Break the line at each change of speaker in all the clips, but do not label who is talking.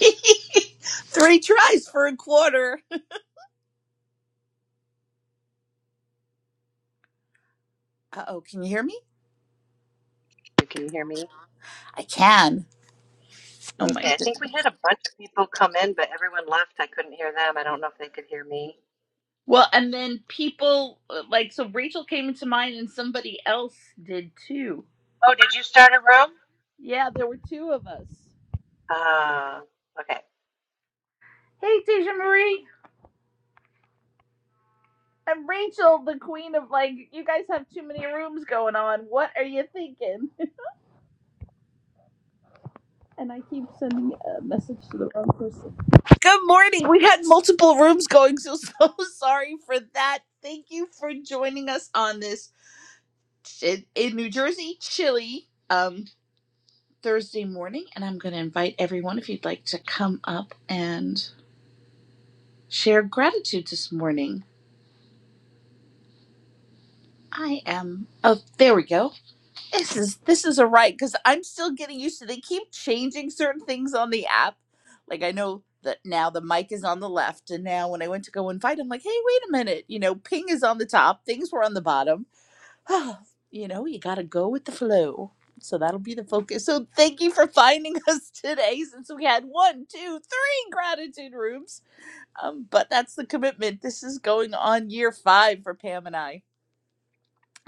Three tries for a quarter. Uh oh, can you hear me? I can. Oh my goodness. Well, and then people uh, like so Rachel came into mind and somebody else did too. Yeah, there were two of us. Hey, Deja Marie. I'm Rachel, the queen of like, you guys have too many rooms going on. What are you thinking? And I keep sending a message to the wrong person. Good morning. We had multiple rooms going, so so sorry for that. Thank you for joining us on this. in, in New Jersey, chilly um, Thursday morning, and I'm going to invite everyone if you'd like to come up and share gratitude this morning. I am. Oh, there we go. This is this is a right because I'm still getting used to. They keep changing certain things on the app. Like I know that now the mic is on the left, and now when I went to go invite, I'm like, hey, wait a minute. You know, ping is on the top. Things were on the bottom you know, you got to go with the flow. So that'll be the focus. So thank you for finding us today since we had one, two, three gratitude rooms. Um, but that's the commitment. This is going on year five for Pam and I.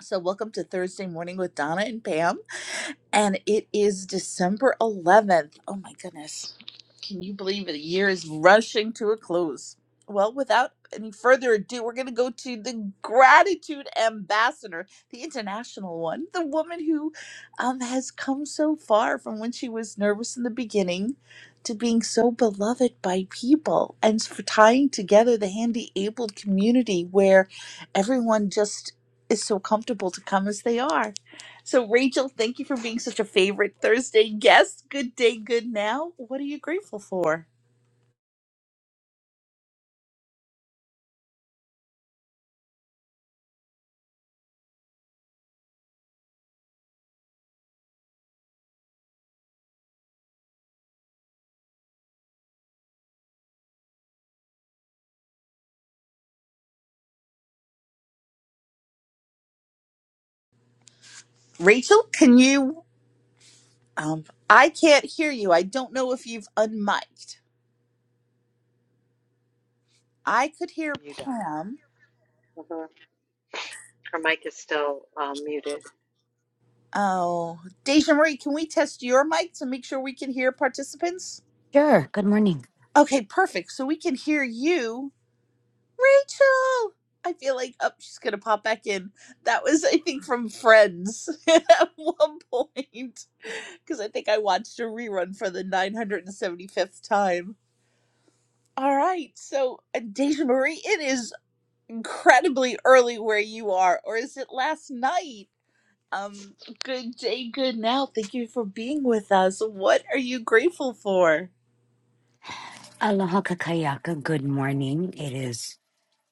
So welcome to Thursday morning with Donna and Pam. And it is December 11th. Oh my goodness can you believe it? A year is rushing to a close. Well, without any further ado, we're going to go to the gratitude ambassador, the international one, the woman who um, has come so far from when she was nervous in the beginning to being so beloved by people and for tying together the handy abled community where everyone just is so comfortable to come as they are. So, Rachel, thank you for being such a favorite Thursday guest. Good day, good now. What are you grateful for? Rachel, can you? Um, I can't hear you. I don't know if you've unmiked. I could hear Pam. Oh, Deja Marie, can we test your mic to make sure we can hear participants?
Sure. Good morning.
Okay, perfect. So we can hear you. Rachel. I feel like oh, she's gonna pop back in. That was, I think, from Friends at one point because I think I watched a rerun for the 975th time. All right, so uh, Deja Marie, it is incredibly early where you are, or is it last night? Um, good day, good now. Thank you for being with us. What are you grateful for?
Aloha kakayaka. Good morning. It is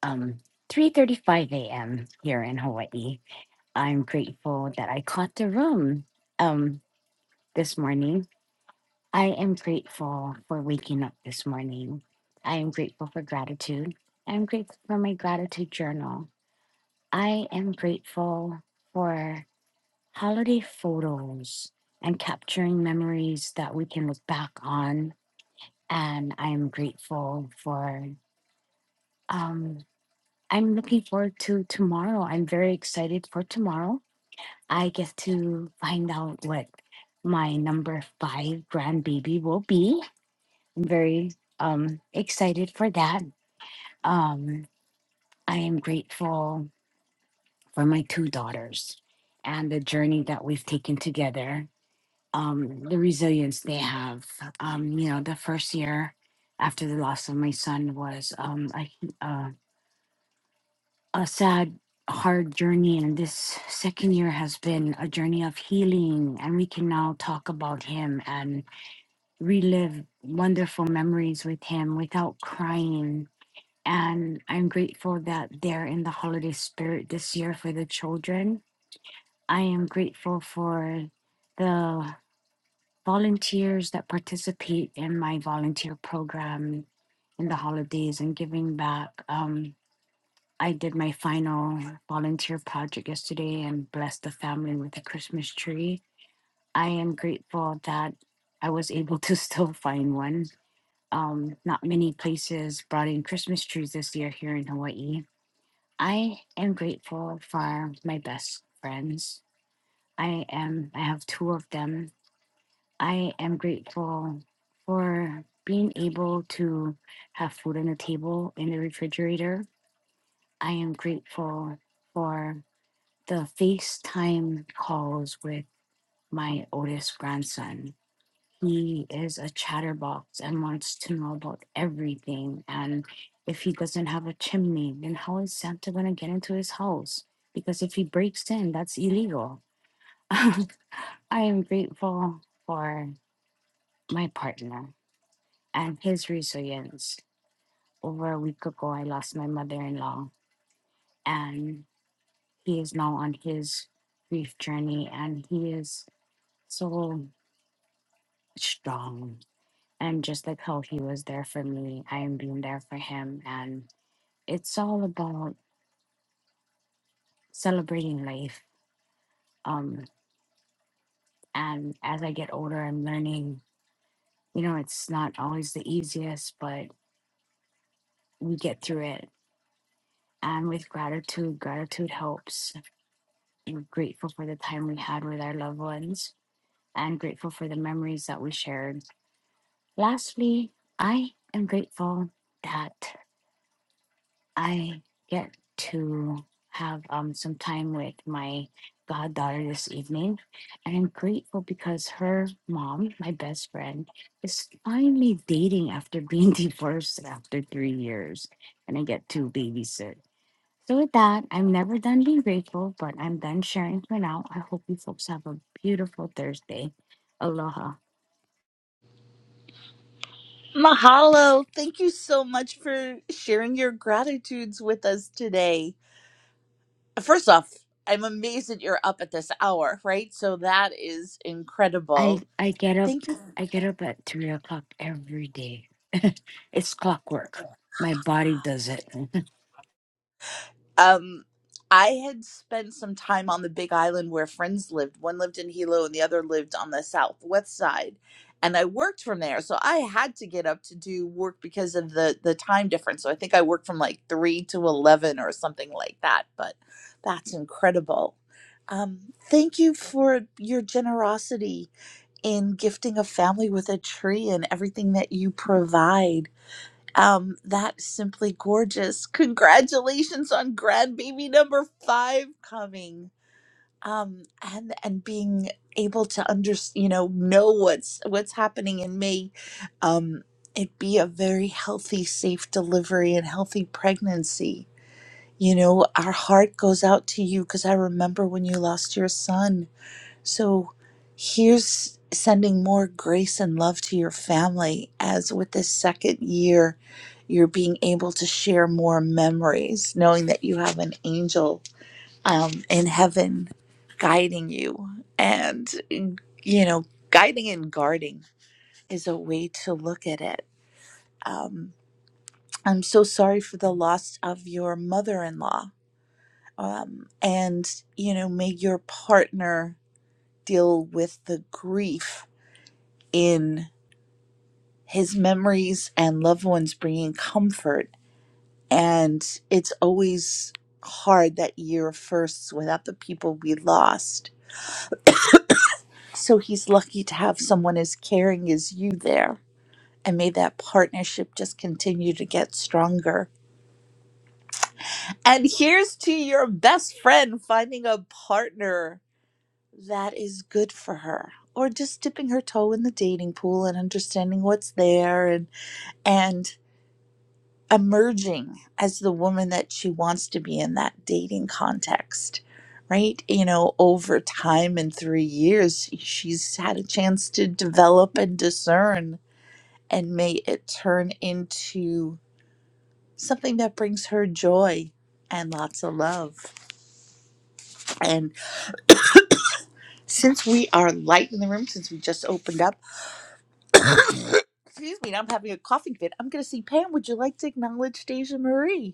um 3:35 a.m. here in Hawaii. I'm grateful that I caught the room um this morning. I am grateful for waking up this morning. I am grateful for gratitude. I'm grateful for my gratitude journal. I am grateful for holiday photos and capturing memories that we can look back on and I'm grateful for Um, I'm looking forward to tomorrow. I'm very excited for tomorrow. I get to find out what my number five grandbaby will be. I'm very um, excited for that. Um, I am grateful for my two daughters and the journey that we've taken together, um, the resilience they have. Um, you know, the first year after the loss of my son was um, a, hu- a a sad, hard journey, and this second year has been a journey of healing. And we can now talk about him and relive wonderful memories with him without crying. And I'm grateful that they're in the holiday spirit this year for the children. I am grateful for the volunteers that participate in my volunteer program in the holidays and giving back. Um, I did my final volunteer project yesterday and blessed the family with a Christmas tree. I am grateful that I was able to still find one. Um, not many places brought in Christmas trees this year here in Hawaii. I am grateful for my best friends. I am, I have two of them. I am grateful for being able to have food on the table in the refrigerator. I am grateful for the FaceTime calls with my oldest grandson. He is a chatterbox and wants to know about everything. And if he doesn't have a chimney, then how is Santa going to get into his house? Because if he breaks in, that's illegal. I am grateful for my partner and his resilience. Over a week ago, I lost my mother in law, and he is now on his grief journey, and he is so strong. And just like how he was there for me, I am being there for him. And it's all about celebrating life. Um, and as I get older, I'm learning, you know, it's not always the easiest, but we get through it. And with gratitude, gratitude helps. We're grateful for the time we had with our loved ones and grateful for the memories that we shared. Lastly, I am grateful that. I get to have um, some time with my goddaughter this evening. And I'm grateful because her mom, my best friend, is finally dating after being divorced after three years. And I get to babysit. So, with that, I'm never done being grateful, but I'm done sharing for now. I hope you folks have a beautiful Thursday. Aloha.
Mahalo. Thank you so much for sharing your gratitudes with us today. first off, I'm amazed that you're up at this hour, right? So that is
I
incredible.
I get up
Thank you.
I get up at three o'clock every day. it's clockwork. My body does it.
Um, I had spent some time on the Big Island where friends lived. One lived in Hilo and the other lived on the southwest side. And I worked from there. So I had to get up to do work because of the the time difference. So I think I worked from like 3 to 11 or something like that, but that's incredible. Um, thank you for your generosity in gifting a family with a tree and everything that you provide. Um, that's simply gorgeous. Congratulations on grandbaby number five coming. Um, and and being able to under you know know what's what's happening and may um, it be a very healthy, safe delivery and healthy pregnancy. You know, our heart goes out to you because I remember when you lost your son so here's sending more grace and love to your family as with this second year, you're being able to share more memories, knowing that you have an angel um, in heaven guiding you and, you know, guiding and guarding is a way to look at it. Um, I'm so sorry for the loss of your mother in law. Um, and, you know, may your partner deal with the grief in his memories and loved ones bringing comfort. And it's always hard that year first without the people we lost. So he's lucky to have someone as caring as you there. And may that partnership just continue to get stronger. And here's to your best friend finding a partner that is good for her or just dipping her toe in the dating pool and understanding what's there and and emerging as the woman that she wants to be in that dating context right you know over time in 3 years she's had a chance to develop and discern and may it turn into something that brings her joy and lots of love and since we are light in the room since we just opened up excuse me i'm having a coughing fit i'm going to see pam would you like to acknowledge deja marie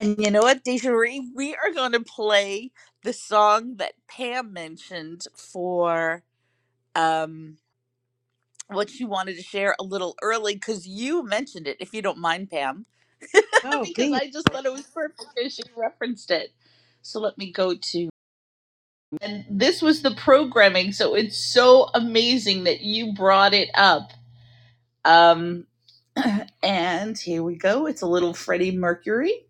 And you know what, Desiree? We are going to play the song that Pam mentioned for um, what she wanted to share a little early because you mentioned it, if you don't mind, Pam, because I just thought it was perfect because she referenced it. So let me go to. And this was the programming, so it's so amazing that you brought it up. Um, and here we go. It's a little Freddie Mercury.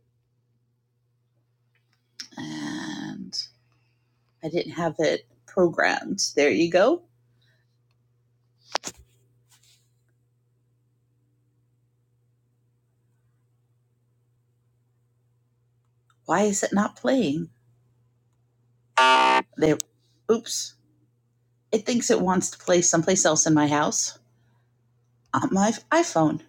and. I didn't have it programmed. There you go. Why is it not playing? There. Oops. It thinks it wants to play someplace else in my house on my iPhone.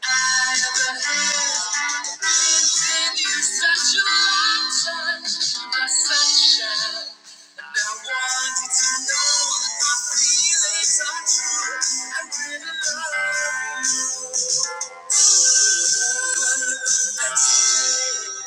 Thank you.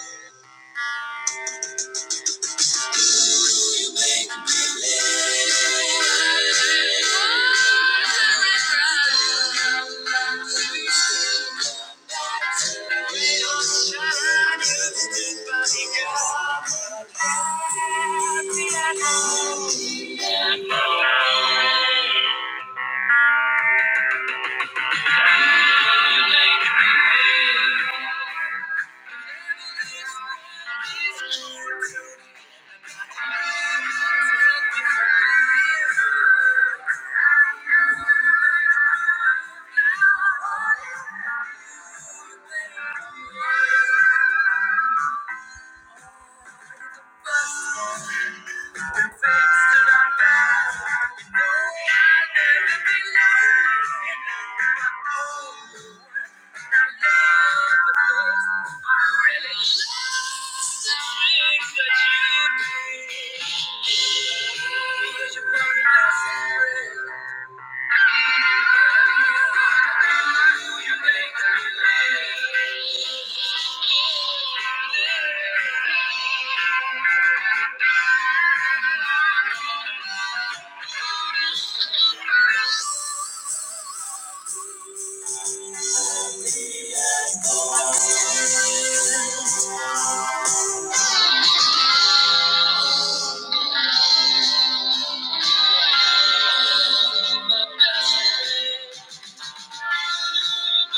Thank you. Thank you. Thank you. Thank you. Thank you. Hang on, let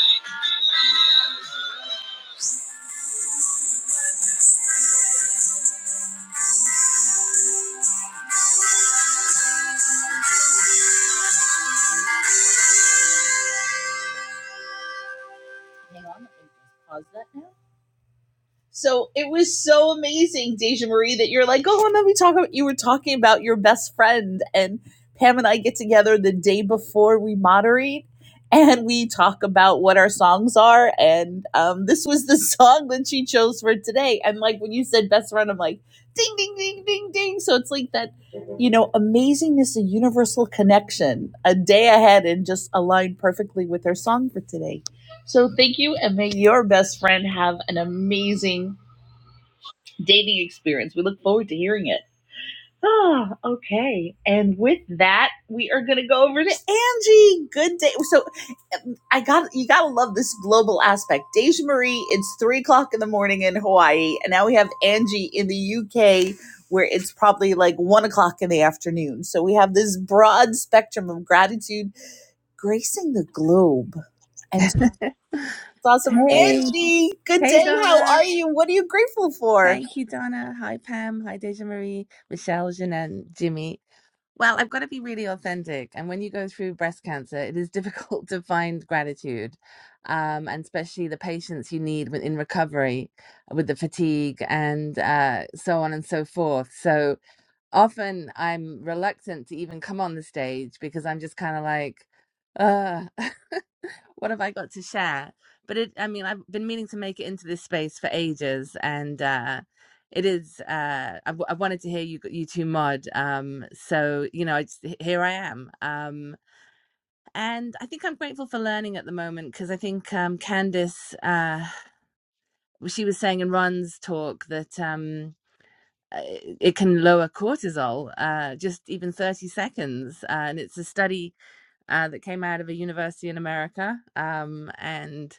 me just pause that now. So it was so amazing, Deja Marie, that you're like, oh, and then we talk about you were talking about your best friend and Pam and I get together the day before we moderate and we talk about what our songs are. And um, this was the song that she chose for today. And like when you said best friend, I'm like, ding, ding, ding, ding, ding. So it's like that, you know, amazingness, a universal connection, a day ahead and just aligned perfectly with her song for today. So thank you, and may your best friend have an amazing dating experience. We look forward to hearing it. Ah, okay. And with that, we are going to go over to Angie. Good day. So I got you. Got to love this global aspect. Deja Marie, it's three o'clock in the morning in Hawaii, and now we have Angie in the UK, where it's probably like one o'clock in the afternoon. So we have this broad spectrum of gratitude gracing the globe. and. awesome.
Hey,
Angie, good
hey,
day. How are
Donna.
you? What are you grateful for?
Thank you, Donna. Hi, Pam. Hi, Deja Marie, Michelle, Janan, Jimmy. Well, I've got to be really authentic. And when you go through breast cancer, it is difficult to find gratitude, um, and especially the patience you need when- in recovery with the fatigue and uh, so on and so forth. So often I'm reluctant to even come on the stage because I'm just kind of like, Ugh. what have I got to share? But it, I mean, I've been meaning to make it into this space for ages, and uh, it is. Uh, I, w- I wanted to hear you, you two mod. Um, so you know, it's, here I am, um, and I think I'm grateful for learning at the moment because I think um, Candice, uh, she was saying in Ron's talk that. Um, uh, it can lower cortisol, uh, just even 30 seconds. Uh, and it's a study uh, that came out of a university in America. Um, and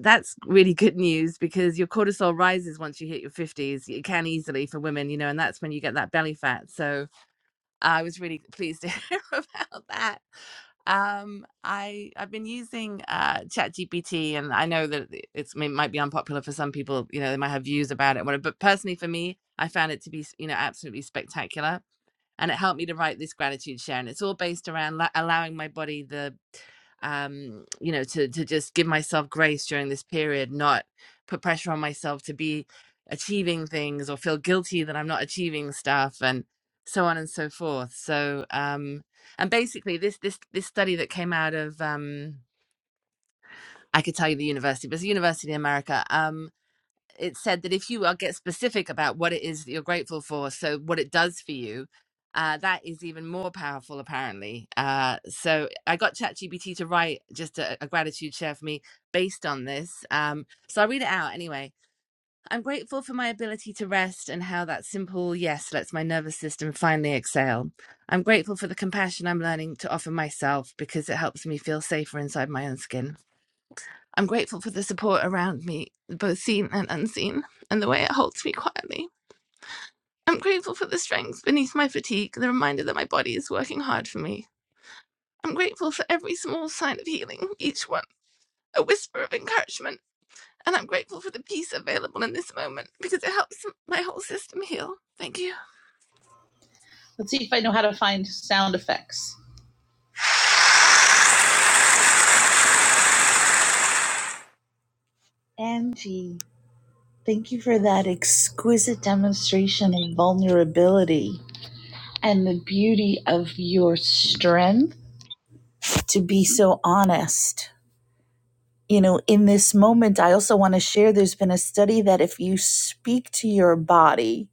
that's really good news because your cortisol rises once you hit your 50s it can easily for women you know and that's when you get that belly fat so i was really pleased to hear about that um i i've been using uh chat and i know that it- it's it might be unpopular for some people you know they might have views about it but personally for me i found it to be you know absolutely spectacular and it helped me to write this gratitude share and it's all based around la- allowing my body the um you know to to just give myself grace during this period not put pressure on myself to be achieving things or feel guilty that I'm not achieving stuff and so on and so forth so um and basically this this this study that came out of um I could tell you the university but it's a university in America um it said that if you are get specific about what it is that you're grateful for, so what it does for you, uh, that is even more powerful apparently. Uh, so I got ChatGPT to write just a, a gratitude share for me based on this. Um, so I'll read it out anyway. I'm grateful for my ability to rest and how that simple yes lets my nervous system finally exhale. I'm grateful for the compassion I'm learning to offer myself because it helps me feel safer inside my own skin. I'm grateful for the support around me, both seen and unseen, and the way it holds me quietly. I'm grateful for me. I'm a whisper of increment, and I'm grateful for peace available to help my whole system.
Let's see if I know how to find sound effects. Angie, thank you for that exquisite demonstration of vulnerability and the beauty of your strength to be so honest. You know, in this moment, I also want to share there's been a study that if you speak to your body,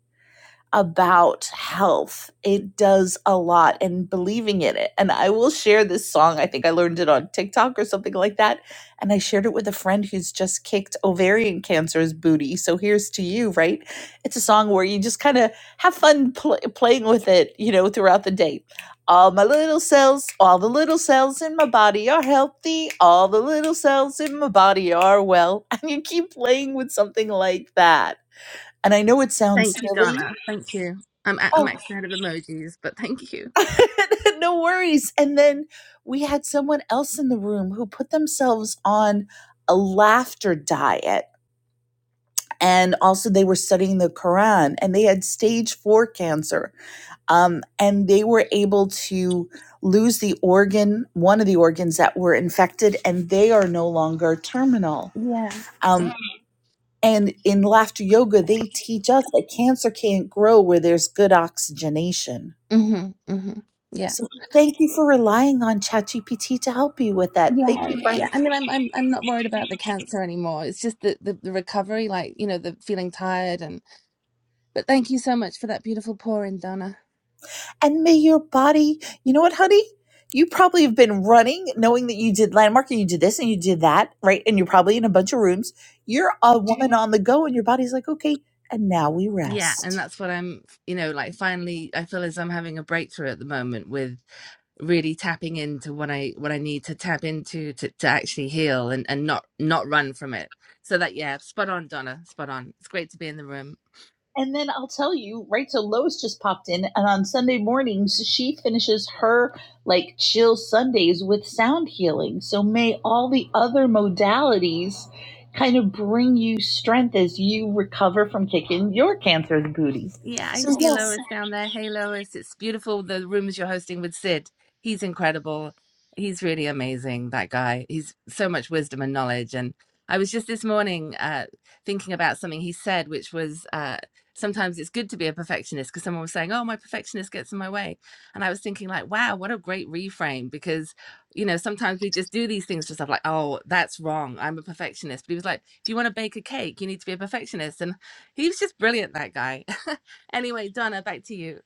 about health. It does a lot and believing in it. And I will share this song. I think I learned it on TikTok or something like that. And I shared it with a friend who's just kicked ovarian cancer's booty. So here's to you, right? It's a song where you just kind of have fun pl- playing with it, you know, throughout the day. All my little cells, all the little cells in my body are healthy. All the little cells in my body are well. And you keep playing with something like that. And I know it sounds
Thank you,
silly.
Donna. Thank you. I'm at a
Oh,
max out of emojis, but thank you.
no worries. And then we had someone else in the room who put themselves on a laughter diet. And also, they were studying the Quran and they had stage four cancer. Um, and they were able to lose the organ, one of the organs that were infected, and they are no longer terminal.
Yeah.
Um, and in laughter yoga, they teach us that cancer can't grow where there's good oxygenation.
Mhm. Mhm. Yeah.
So thank you for relying on ChatGPT to help you with that. Thank
Yeah.
you,
Yeah.
Brian.
I mean, I'm I'm I'm not worried about the cancer anymore. It's just the, the the recovery, like you know, the feeling tired and. But thank you so much for that beautiful pouring, Donna.
And may your body, you know what, honey? You probably have been running knowing that you did landmark and you did this and you did that, right? And you're probably in a bunch of rooms. You're a woman on the go and your body's like, okay, and now we
Yeah, and
rest.
that's what I'm, you know, like finally I feel as I'm having a breakthrough at the moment with really tapping into what I what I need to tap into to to actually heal and and not not run from it. So that yeah, spot on Donna, spot on. It's great to be in the room.
And then I'll tell you, right? So Lois just popped in, and on Sunday mornings, she finishes her like chill Sundays with sound healing. So may all the other modalities kind of bring you strength as you recover from kicking your cancer's booty.
Yeah, I
So,
see
yes,
Lois down there. Hey, Lois, it's beautiful the rooms you're hosting with Sid. He's incredible. He's really amazing, that guy. He's so much wisdom and knowledge. And I was just this morning uh, thinking about something he said, which was uh, sometimes it's good to be a perfectionist because someone was saying, Oh, my perfectionist gets in my way. And I was thinking, like, wow, what a great reframe because, you know, sometimes we just do these things to stuff like, Oh, that's wrong. I'm a perfectionist. But he was like, If you want to bake a cake, you need to be a perfectionist. And he was just brilliant that guy Anyway, Donna, back to you.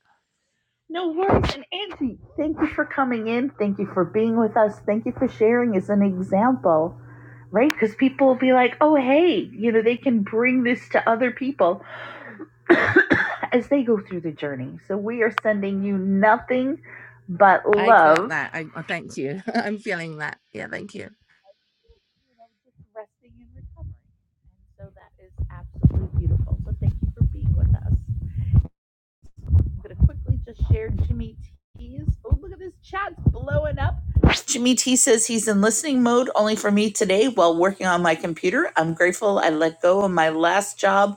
no worries. And Angie, thank you for coming in. Thank you for being with us. Thank you for sharing as an example right? Because people will be like, oh, hey, you know, they can bring this to other people. as they go through the journey. So we are sending you nothing but
I
love.
got that.
You
I oh, thank you. I'm feeling that. Yeah, thank you.
know, just resting and recovering. And so that is absolutely beautiful. So thank you for being with us. I'm going to quickly just share Jimmy T's. Oh, look at this chat's blowing up. Jimmy T says he's in listening mode only for me today while working on my computer. I'm grateful I let go of my last job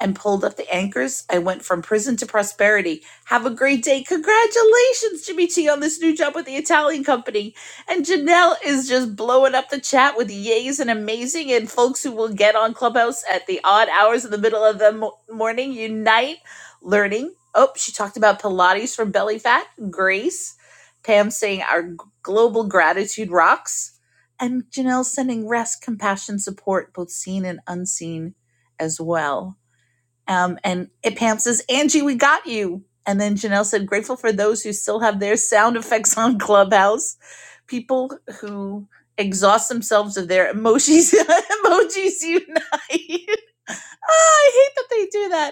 and pulled up the anchors. I went from prison to prosperity. Have a great day. Congratulations, Jimmy T, on this new job with the Italian company. And Janelle is just blowing up the chat with yays and amazing and folks who will get on Clubhouse at the odd hours in the middle of the mo- morning. Unite learning. Oh, she talked about Pilates for belly fat. Grace. Pam saying our g- global gratitude rocks and Janelle sending rest, compassion, support, both seen and unseen as well. Um, and it Pam says, Angie, we got you. And then Janelle said, grateful for those who still have their sound effects on Clubhouse. People who exhaust themselves of their emojis. emojis unite. Ah, I hate that they do that.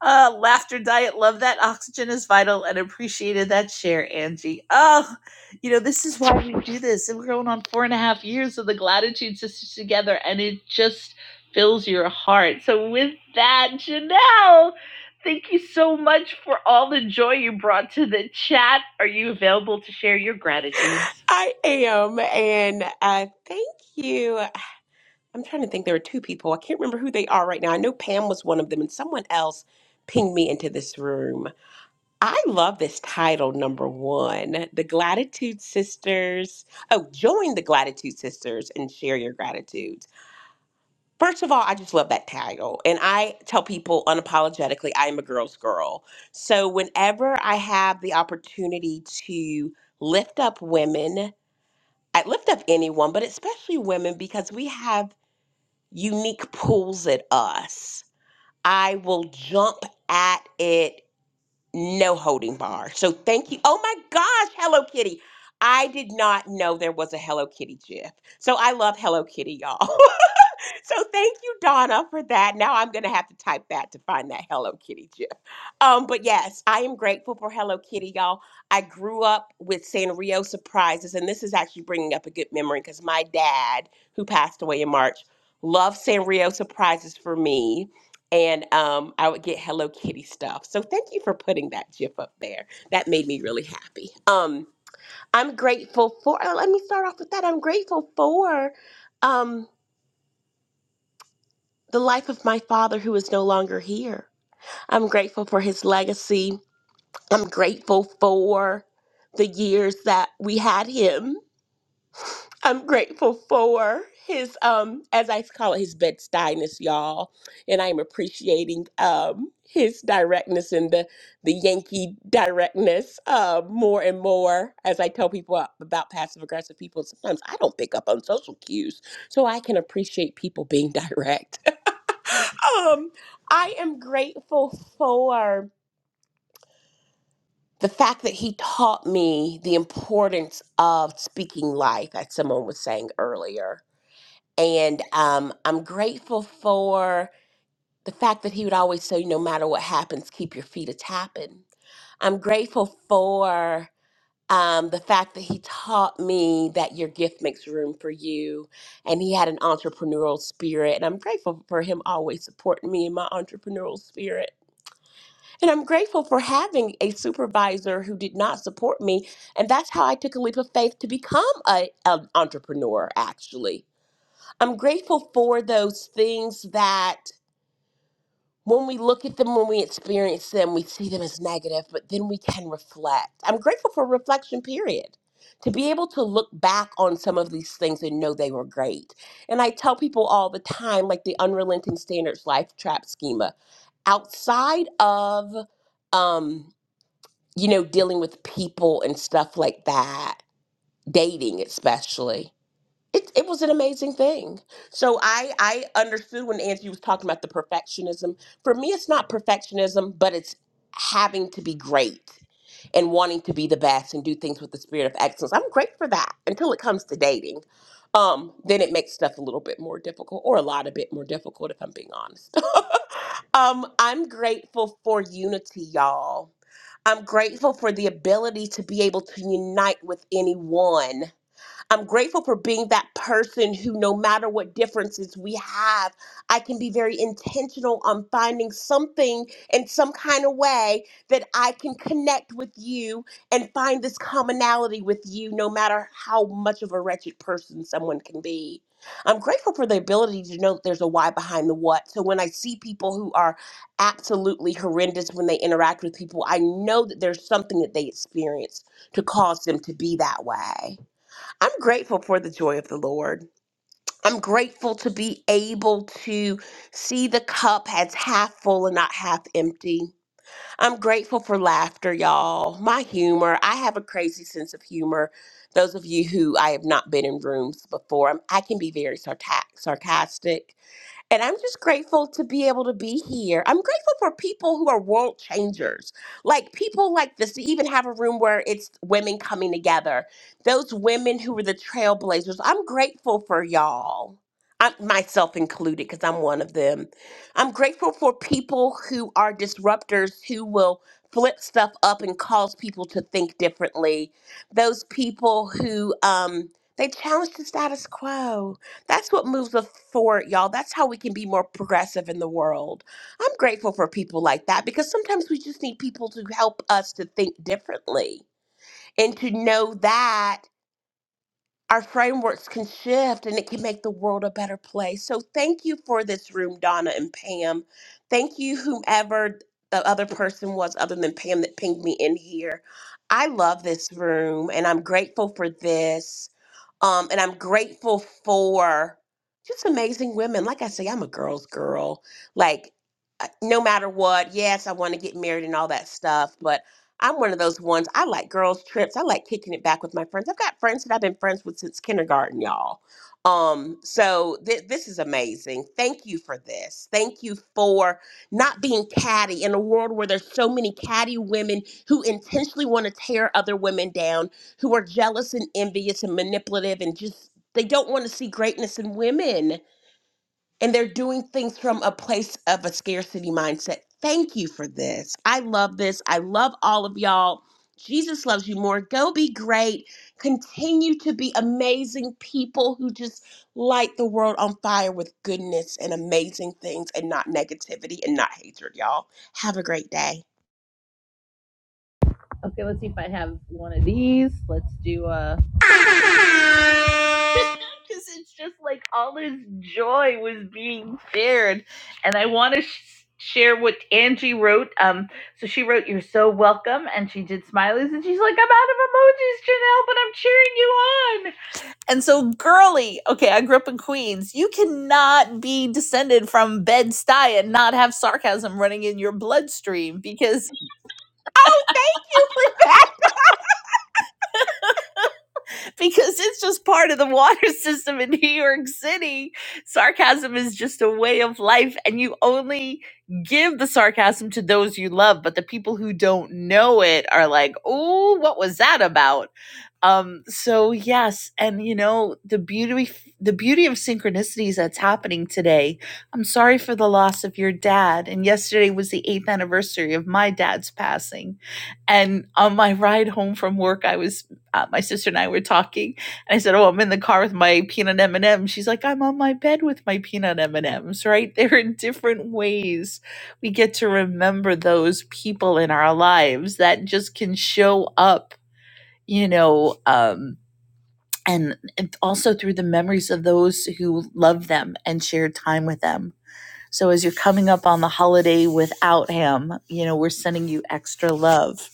Uh, laughter diet, love that oxygen is vital and appreciated that share, Angie. Oh, you know, this is why we do this. And we're going on four and a half years of the Gratitude Sisters together, and it just fills your heart. So, with that, Janelle, thank you so much for all the joy you brought to the chat. Are you available to share your gratitudes?
I am, and uh, thank you. I'm trying to think. There were two people. I can't remember who they are right now. I know Pam was one of them, and someone else pinged me into this room. I love this title, number one, the Gratitude Sisters. Oh, join the Gratitude Sisters and share your gratitudes. First of all, I just love that title, and I tell people unapologetically, I am a girl's girl. So whenever I have the opportunity to lift up women I lift up anyone, but especially women, because we have unique pulls at us. I will jump at it, no holding bar. So thank you. Oh my gosh, Hello Kitty. I did not know there was a Hello Kitty GIF. So I love Hello Kitty, y'all. So thank you, Donna, for that. Now I'm gonna have to type that to find that Hello Kitty gif. Um, but yes, I am grateful for Hello Kitty, y'all. I grew up with Sanrio surprises, and this is actually bringing up a good memory because my dad, who passed away in March, loved Sanrio surprises for me, and um, I would get Hello Kitty stuff. So thank you for putting that gif up there. That made me really happy. Um, I'm grateful for. oh, Let me start off with that. I'm grateful for. Um, the life of my father who is no longer here. I'm grateful for his legacy. I'm grateful for the years that we had him. I'm grateful for his um as I call it his bedstyness, y'all. And I'm appreciating um his directness and the the Yankee directness uh more and more as I tell people about passive aggressive people. Sometimes I don't pick up on social cues. So I can appreciate people being direct um, I am grateful for the fact that he taught me the importance of speaking life, as someone was saying earlier. And um, I'm grateful for the fact that he would always say, no matter what happens, keep your feet a tapping. I'm grateful for um, the fact that he taught me that your gift makes room for you and he had an entrepreneurial spirit. And I'm grateful for him always supporting me in my entrepreneurial spirit. And I'm grateful for having a supervisor who did not support me. And that's how I took a leap of faith to become a, an entrepreneur, actually. I'm grateful for those things that when we look at them, when we experience them, we see them as negative, but then we can reflect. I'm grateful for reflection, period. To be able to look back on some of these things and know they were great. And I tell people all the time, like the unrelenting standards life trap schema, outside of. Um, you know, dealing with people and stuff like that, dating especially. It, it was an amazing thing. So I I understood when Angie was talking about the perfectionism. For me, it's not perfectionism, but it's having to be great and wanting to be the best and do things with the spirit of excellence. I'm great for that until it comes to dating. Um, then it makes stuff a little bit more difficult, or a lot a bit more difficult, if I'm being honest. um, I'm grateful for unity, y'all. I'm grateful for the ability to be able to unite with anyone I'm grateful for being that person who, no matter what differences we have, I can be very intentional on finding something in some kind of way that I can connect with you and find this commonality with you, no matter how much of a wretched person someone can be. I'm grateful for the ability to know that there's a why behind the what. So when I see people who are absolutely horrendous when they interact with people, I know that there's something that they experienced to cause them to be that way. I'm grateful for the joy of the Lord. I'm grateful to be able to see the cup as half full and not half empty. I'm grateful for laughter, y'all. My humor. I have a crazy sense of humor. Those of you who I have not been in rooms before, I'm- I can be very sarta- sarcastic. And I'm just grateful to be able to be here. I'm grateful for people who are world changers, like people like this, to even have a room where it's women coming together, those women who were the trailblazers. I'm grateful for y'all, I'm, myself included, because I'm one of them. I'm grateful for people who are disruptors who will flip stuff up and cause people to think differently, those people who, um, they challenge the status quo that's what moves us forward, y'all. That's how we can be more progressive in the world. I'm grateful for people like that because sometimes we just need people to help us to think differently and to know that our frameworks can shift and it can make the world a better place. So thank you for this room, Donna and Pam. Thank you, whomever the other person was other than Pam that pinged me in here. I love this room and I'm grateful for this. Um, and I'm grateful for just amazing women. Like I say, I'm a girl's girl. Like, uh, no matter what, yes, I want to get married and all that stuff, but I'm one of those ones. I like girls' trips. I like kicking it back with my friends. I've got friends that I've been friends with since kindergarten, y'all. Um, so th- this is amazing. Thank you for this. Thank you for not being catty in a world where there's so many catty women who intentionally want to tear other women down who are jealous and envious and manipulative and just they don't want to see greatness in women and they're doing things from a place of a scarcity mindset. Thank you for this. I love this. I love all of y'all. Jesus loves you more. Go be great. Continue to be amazing people who just light the world on fire with goodness and amazing things and not negativity and not hatred, y'all. Have a great day.
Okay, let's see if I have one of these. Let's do a. Uh... Because it's just like all this joy was being shared, and I want to sh- share what Angie wrote. Um, so she wrote, "You're so welcome," and she did smileys, and she's like, "I'm out of emojis, Janelle, but I'm cheering you on." And so, girly, okay, I grew up in Queens. You cannot be descended from Bed Stuy and not have sarcasm running in your bloodstream because.
Oh, thank you for that.
because it's just part of the water system in New York City. Sarcasm is just a way of life, and you only give the sarcasm to those you love. But the people who don't know it are like, oh, what was that about? um so yes and you know the beauty the beauty of synchronicities that's happening today i'm sorry for the loss of your dad and yesterday was the 8th anniversary of my dad's passing and on my ride home from work i was uh, my sister and i were talking and i said oh i'm in the car with my peanut m&m she's like i'm on my bed with my peanut m&ms right they're in different ways we get to remember those people in our lives that just can show up you know, um, and also through the memories of those who loved them and shared time with them. So as you're coming up on the holiday without him, you know, we're sending you extra love.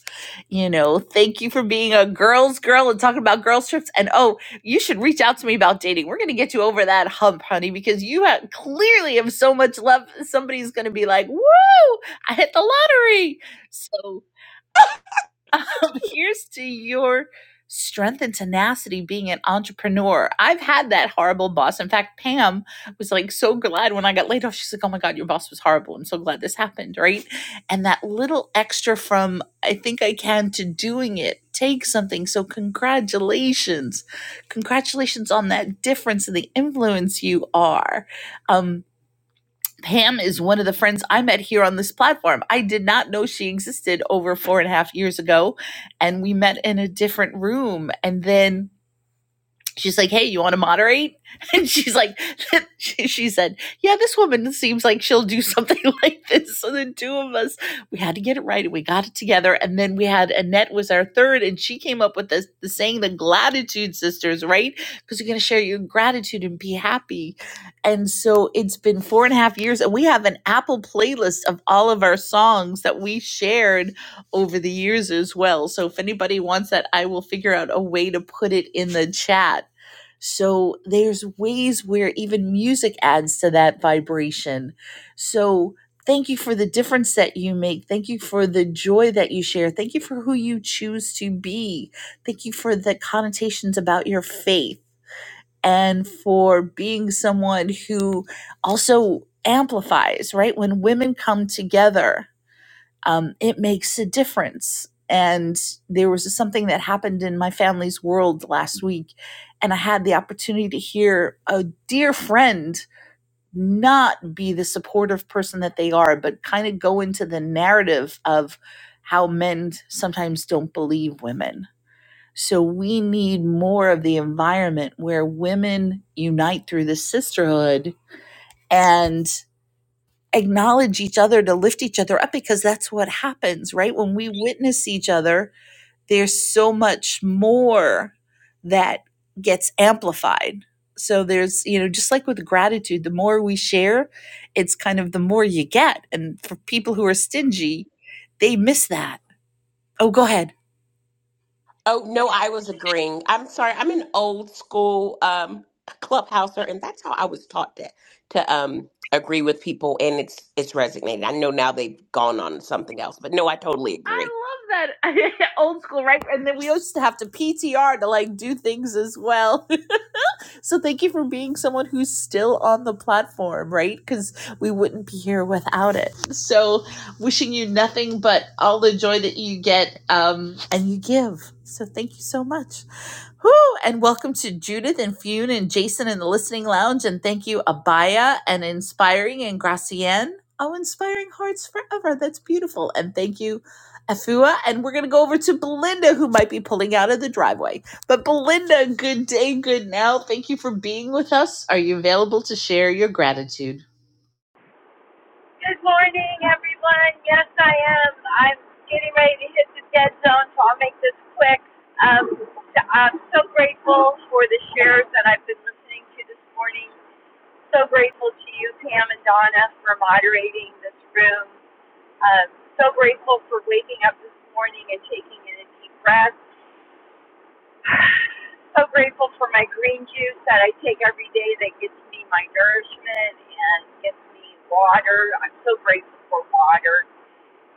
You know, thank you for being a girl's girl and talking about girls' trips. And oh, you should reach out to me about dating. We're going to get you over that hump, honey, because you have, clearly have so much love. Somebody's going to be like, woo, I hit the lottery. So. uh, Um, here's to your strength and tenacity being an entrepreneur. I've had that horrible boss. In fact, Pam was like so glad when I got laid off. She's like, "Oh my god, your boss was horrible. I'm so glad this happened." Right? And that little extra from I think I can to doing it takes something. So congratulations. Congratulations on that difference and the influence you are. Um, Pam is one of the friends I met here on this platform. I did not know she existed over four and a half years ago. And we met in a different room. And then she's like, "Hey, you want to moderate?" And she's like, she, she said, "Yeah, this woman seems like she'll do something like this." So the two of us, we had to get it right, and we got it together. And then we had Annette was our third, and she came up with this the saying, "The gratitude sisters," right? Because you're going to share your gratitude and be happy. And so it's been four and a half years, and we have an Apple playlist of all of our songs that we shared over the years as well. So if anybody wants that, I will figure out a way to put it in the chat so there's ways where even music adds to that vibration. So thank you for the difference that you make. Thank you for the joy that you share. Thank you for who you choose to be. Thank you for the connotations about your faith and for being someone who also amplifies, right? When women come together um, it makes a difference. And there was something that happened in my family's world last week, and I had the opportunity to hear a dear friend not be the supportive person that they are, but kind of go into the narrative of how men sometimes don't believe women. So we need more of the environment where women unite through the sisterhood and acknowledge each other to lift each other up because that's what happens right when we witness each other there's so much more that gets amplified so there's you know just like with gratitude the more we share it's kind of the more you get and for people who are stingy they miss that oh go ahead
Oh no, I was agreeing. I'm sorry. I'm an old school um clubhouser, and that's how I was taught to to um agree with people, and it's it's resignated. I know now they've gone on to something else, but no, I totally agree.
i love that old school right and then we used to have to ptr to like do things as well So thank you for being someone who's still on the platform, right? Because we wouldn't be here without it. So wishing you nothing but all the joy that you get um, and you give. So thank you so much. Whew, and welcome to Judith and Fune and Jason in the listening lounge. And thank you, Abaya and Inspiring and Gracienne. Oh, Inspiring Hearts Forever. That's beautiful. And thank you, Afua. And we're going to go over to Belinda, who might be pulling out of the driveway. But Belinda, good day, good now. Thank you for being with us. Are you available to share your gratitude?
Good morning, everyone. Yes, I am. I'm getting ready to hit the dead zone, so I'll make this quick. Um, I'm so grateful for the shares that I've been listening to this morning. So grateful to you, Pam and Donna, for moderating this room. Um, so grateful for waking up this morning and taking in a deep breath. So grateful for my green juice that I take every day that gets me my nourishment and gets me water. I'm so grateful for water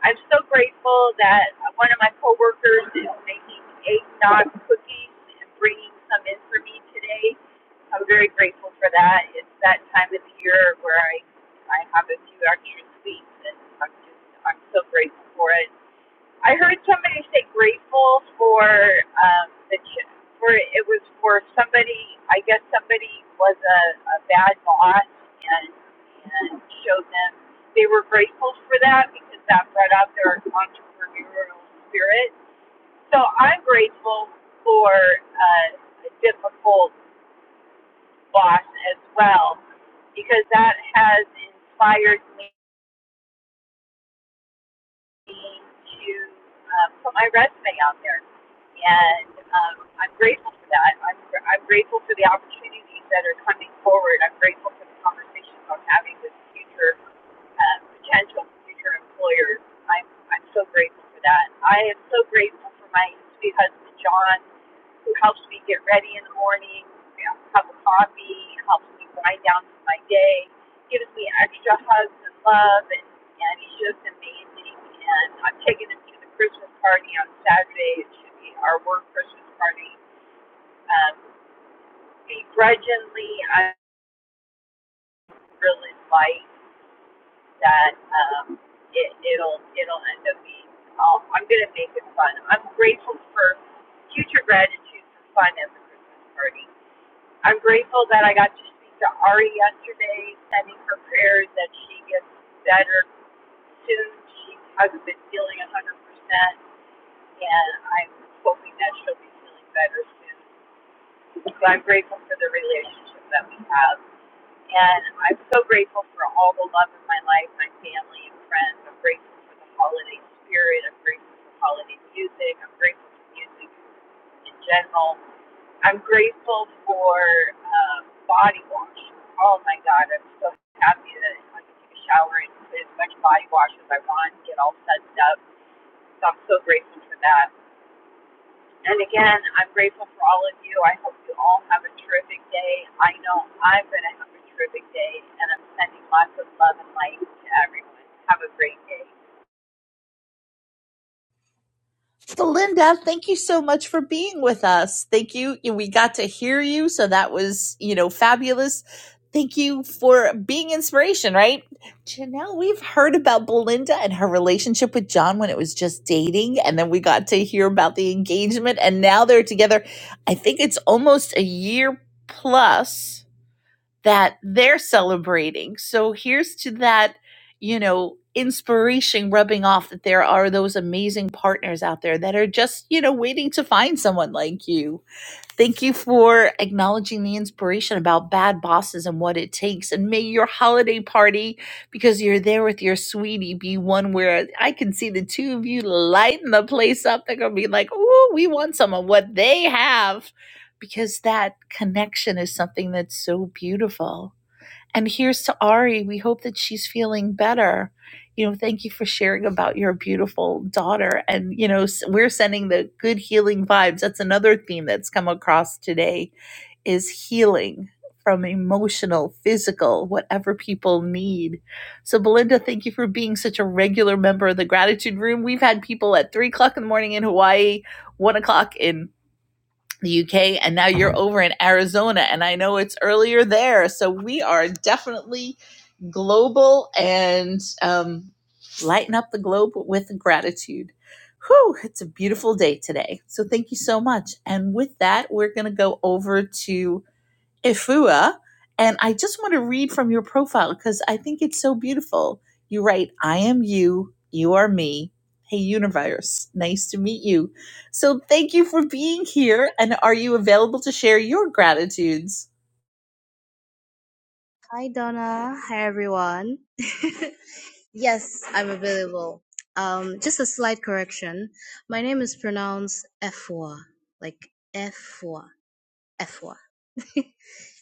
I'm so grateful that one of my coworkers is making eggnog cookies and bringing some in for me today. I'm very grateful for that. It's that time of the year where I I have a few extra sweets, and I'm just I'm so grateful for it. I heard somebody say grateful for um, the ch- for it was for somebody. I guess somebody was a, a bad boss and and showed them they were grateful for that because that brought out their entrepreneurial spirit. So I'm grateful for uh, a difficult boss as well because that has inspired me to um, put my resume out there, and um, I'm grateful for that. I'm, I'm grateful for the opportunities that are coming forward. I'm grateful for the conversations I'm having with future um, potential future employers. I'm, I'm so grateful for that. I am so grateful for my sweet husband, John, who helps me get ready in the morning, you know, cup of coffee, helps me wind down for my day, gives me extra hugs and love, and, and he's just amazing. And I'm taking him to the Christmas party on Saturday. It should be our work Christmas party. Um, begrudgingly, I really like. that um, it, it'll it'll end up being. I'll, I'm gonna make it fun. I'm grateful for future gratitude for fun at the Christmas party. I'm grateful that I got to speak to Ari yesterday, sending her prayers that she gets better soon. She hasn't been feeling 100%, and I'm hoping that she'll be feeling better soon. So I'm grateful for the relationship that we have. And I'm so grateful for all the love in my life, my family and friends. I'm grateful for the holiday spirit. I'm grateful for holiday music. I'm grateful for music in general. I'm grateful for um, body wash. Oh my God, I'm so happy that I can take a shower and put as much body wash as I want and get all sudsed up. So I'm so grateful for that. And again, I'm grateful for all of you. I hope you all have a terrific day. I know I'm going to have a terrific day, and I'm sending lots of love and light to everyone. Have a great day.
So, Linda, thank you so much for being with us. Thank you. We got to hear you. So that was, you know, fabulous. Thank you for being inspiration, right? Janelle, we've heard about Belinda and her relationship with John when it was just dating. And then we got to hear about the engagement. And now they're together. I think it's almost a year plus that they're celebrating. So here's to that, you know, inspiration rubbing off that there are those amazing partners out there that are just, you know, waiting to find someone like you. Thank you for acknowledging the inspiration about bad bosses and what it takes. And may your holiday party, because you're there with your sweetie, be one where I can see the two of you lighting the place up. They're going to be like, oh, we want some of what they have. Because that connection is something that's so beautiful. And here's to Ari. We hope that she's feeling better. You know, thank you for sharing about your beautiful daughter. And, you know, we're sending the good healing vibes. That's another theme that's come across today is healing from emotional, physical, whatever people need. So Belinda, thank you for being such a regular member of the gratitude room. We've had people at three o'clock in the morning in Hawaii, one o'clock in the UK, and now you're over in Arizona. And I know it's earlier there. So we are definitely global and um, lighten up the globe with gratitude. Whew, it's a beautiful day today. So thank you so much. And with that, we're going to go over to Ifua. And I just want to read from your profile because I think it's so beautiful. You write, I am you, you are me. Hey, universe, nice to meet you. So thank you for being here. And are you available to share your gratitudes?
Hi Donna. Hi everyone. yes, I'm available. Um, just a slight correction. My name is pronounced Efwa, like Efwa, Efwa.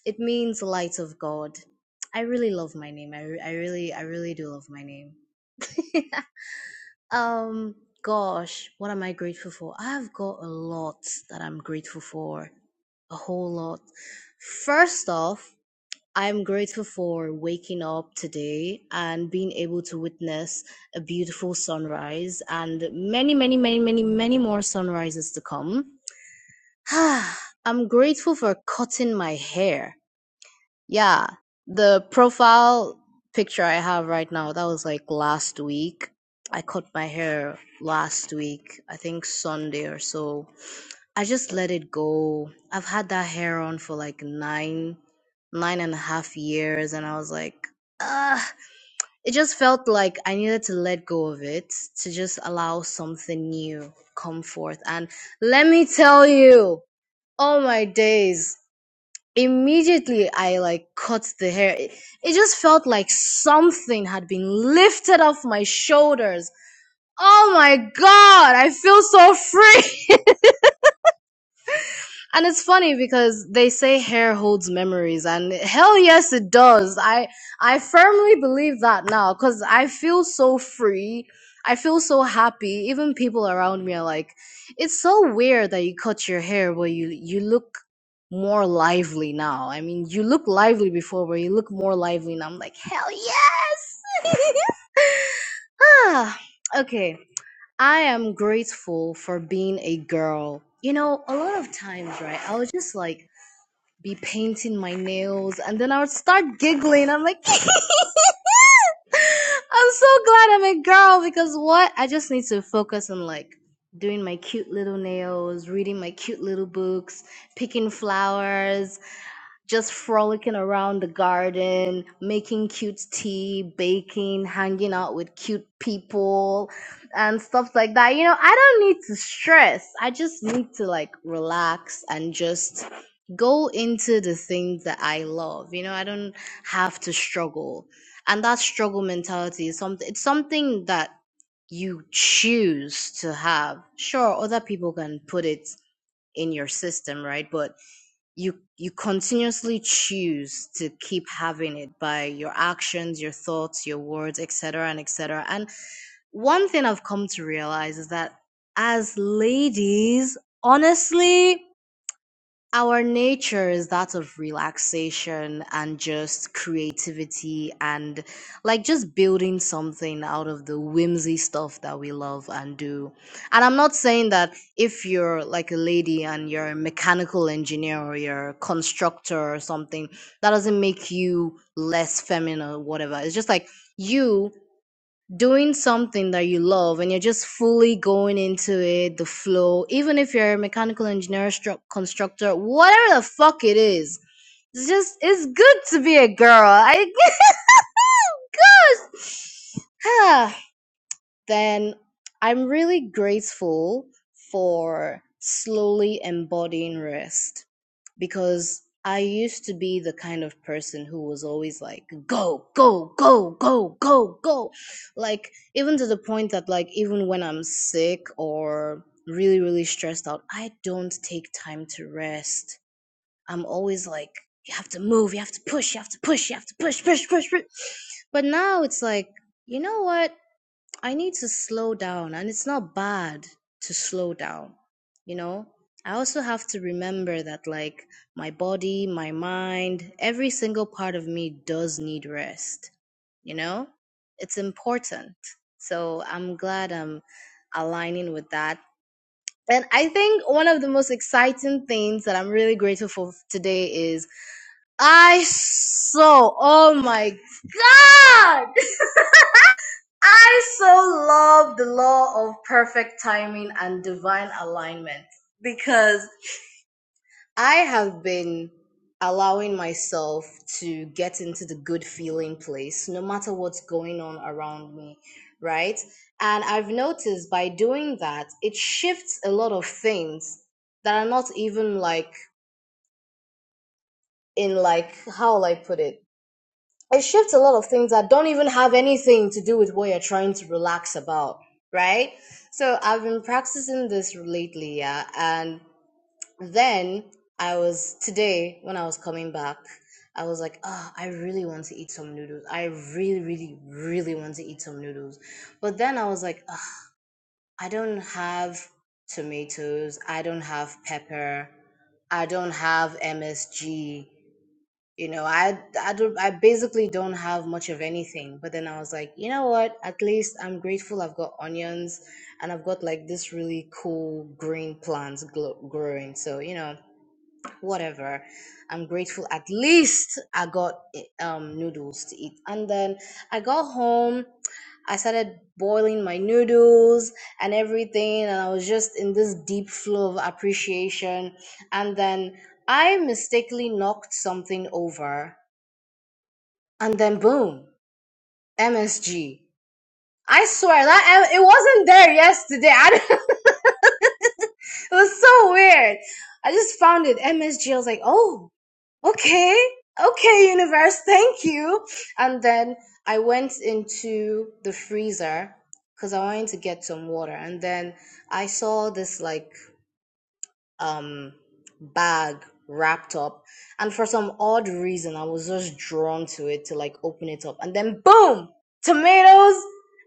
it means light of God. I really love my name. I, re- I really, I really do love my name. um, gosh, what am I grateful for? I've got a lot that I'm grateful for. A whole lot. First off, I'm grateful for waking up today and being able to witness a beautiful sunrise and many, many, many, many, many more sunrises to come. I'm grateful for cutting my hair. Yeah, the profile picture I have right now, that was like last week. I cut my hair last week, I think Sunday or so. I just let it go. I've had that hair on for like nine, nine and a half years, and I was like, ah, it just felt like I needed to let go of it to just allow something new come forth. And let me tell you, oh my days. Immediately, I like cut the hair. It, it just felt like something had been lifted off my shoulders. Oh my god, I feel so free! And it's funny because they say hair holds memories, and hell yes, it does. I I firmly believe that now because I feel so free. I feel so happy. Even people around me are like, "It's so weird that you cut your hair, but you you look more lively now." I mean, you look lively before, but you look more lively now. I'm like, hell yes. ah, okay. I am grateful for being a girl. You know, a lot of times, right, I would just like be painting my nails and then I would start giggling. I'm like, I'm so glad I'm a girl because what? I just need to focus on like doing my cute little nails, reading my cute little books, picking flowers, just frolicking around the garden, making cute tea, baking, hanging out with cute people, and stuff like that. You know, I don't need to stress. I just need to like relax and just go into the things that I love. You know, I don't have to struggle. And that struggle mentality is something it's something that you choose to have. Sure, other people can put it in your system, right? But you you continuously choose to keep having it by your actions your thoughts your words etc and etc and one thing i've come to realize is that as ladies honestly our nature is that of relaxation and just creativity and like just building something out of the whimsy stuff that we love and do. And I'm not saying that if you're like a lady and you're a mechanical engineer or you're a constructor or something, that doesn't make you less feminine or whatever. It's just like you doing something that you love and you're just fully going into it, the flow, even if you're a mechanical engineer, stru- constructor, whatever the fuck it is. It's just, it's good to be a girl. I guess. then I'm really grateful for slowly embodying rest because I used to be the kind of person who was always like, go, go, go, go, go, go. Like, even to the point that, like, even when I'm sick or really, really stressed out, I don't take time to rest. I'm always like, you have to move, you have to push, you have to push, you have to push, push, push, push. But now it's like, you know what? I need to slow down, and it's not bad to slow down, you know. I also have to remember that, like, my body, my mind, every single part of me does need rest, you know? It's important. So I'm glad I'm aligning with that. And I think one of the most exciting things that I'm really grateful for today is I saw, oh my God! I so love the law of perfect timing and divine alignment because I have been allowing myself to get into the good feeling place no matter what's going on around me, right? And I've noticed by doing that, it shifts a lot of things that are not even like in like how will I put it? it shifts a lot of things that don't even have anything to do with what you're trying to relax about, right? So I've been practicing this lately, yeah. And then I was today when I was coming back, I was like, oh, I really want to eat some noodles. I really, really, really want to eat some noodles. But then I was like, "Ugh, I don't have tomatoes. I don't have pepper. I don't have MSG you know i i don't i basically don't have much of anything but then i was like you know what at least i'm grateful i've got onions and i've got like this really cool green plants glo- growing so you know whatever i'm grateful at least i got eh, um noodles to eat and then i got home I started boiling my noodles and everything, and I was just in this deep flow of appreciation. And then I mistakenly knocked something over and then boom, MSG. I swear that eh, it wasn't there yesterday. I don't- it was so weird. I just found it MSG. was like, oh, okay, okay, universe, thank you. And then I went into the freezer because I wanted to get some water, and then I saw this like um bag wrapped up and for some odd reason i was just drawn to it to like open it up and then boom tomatoes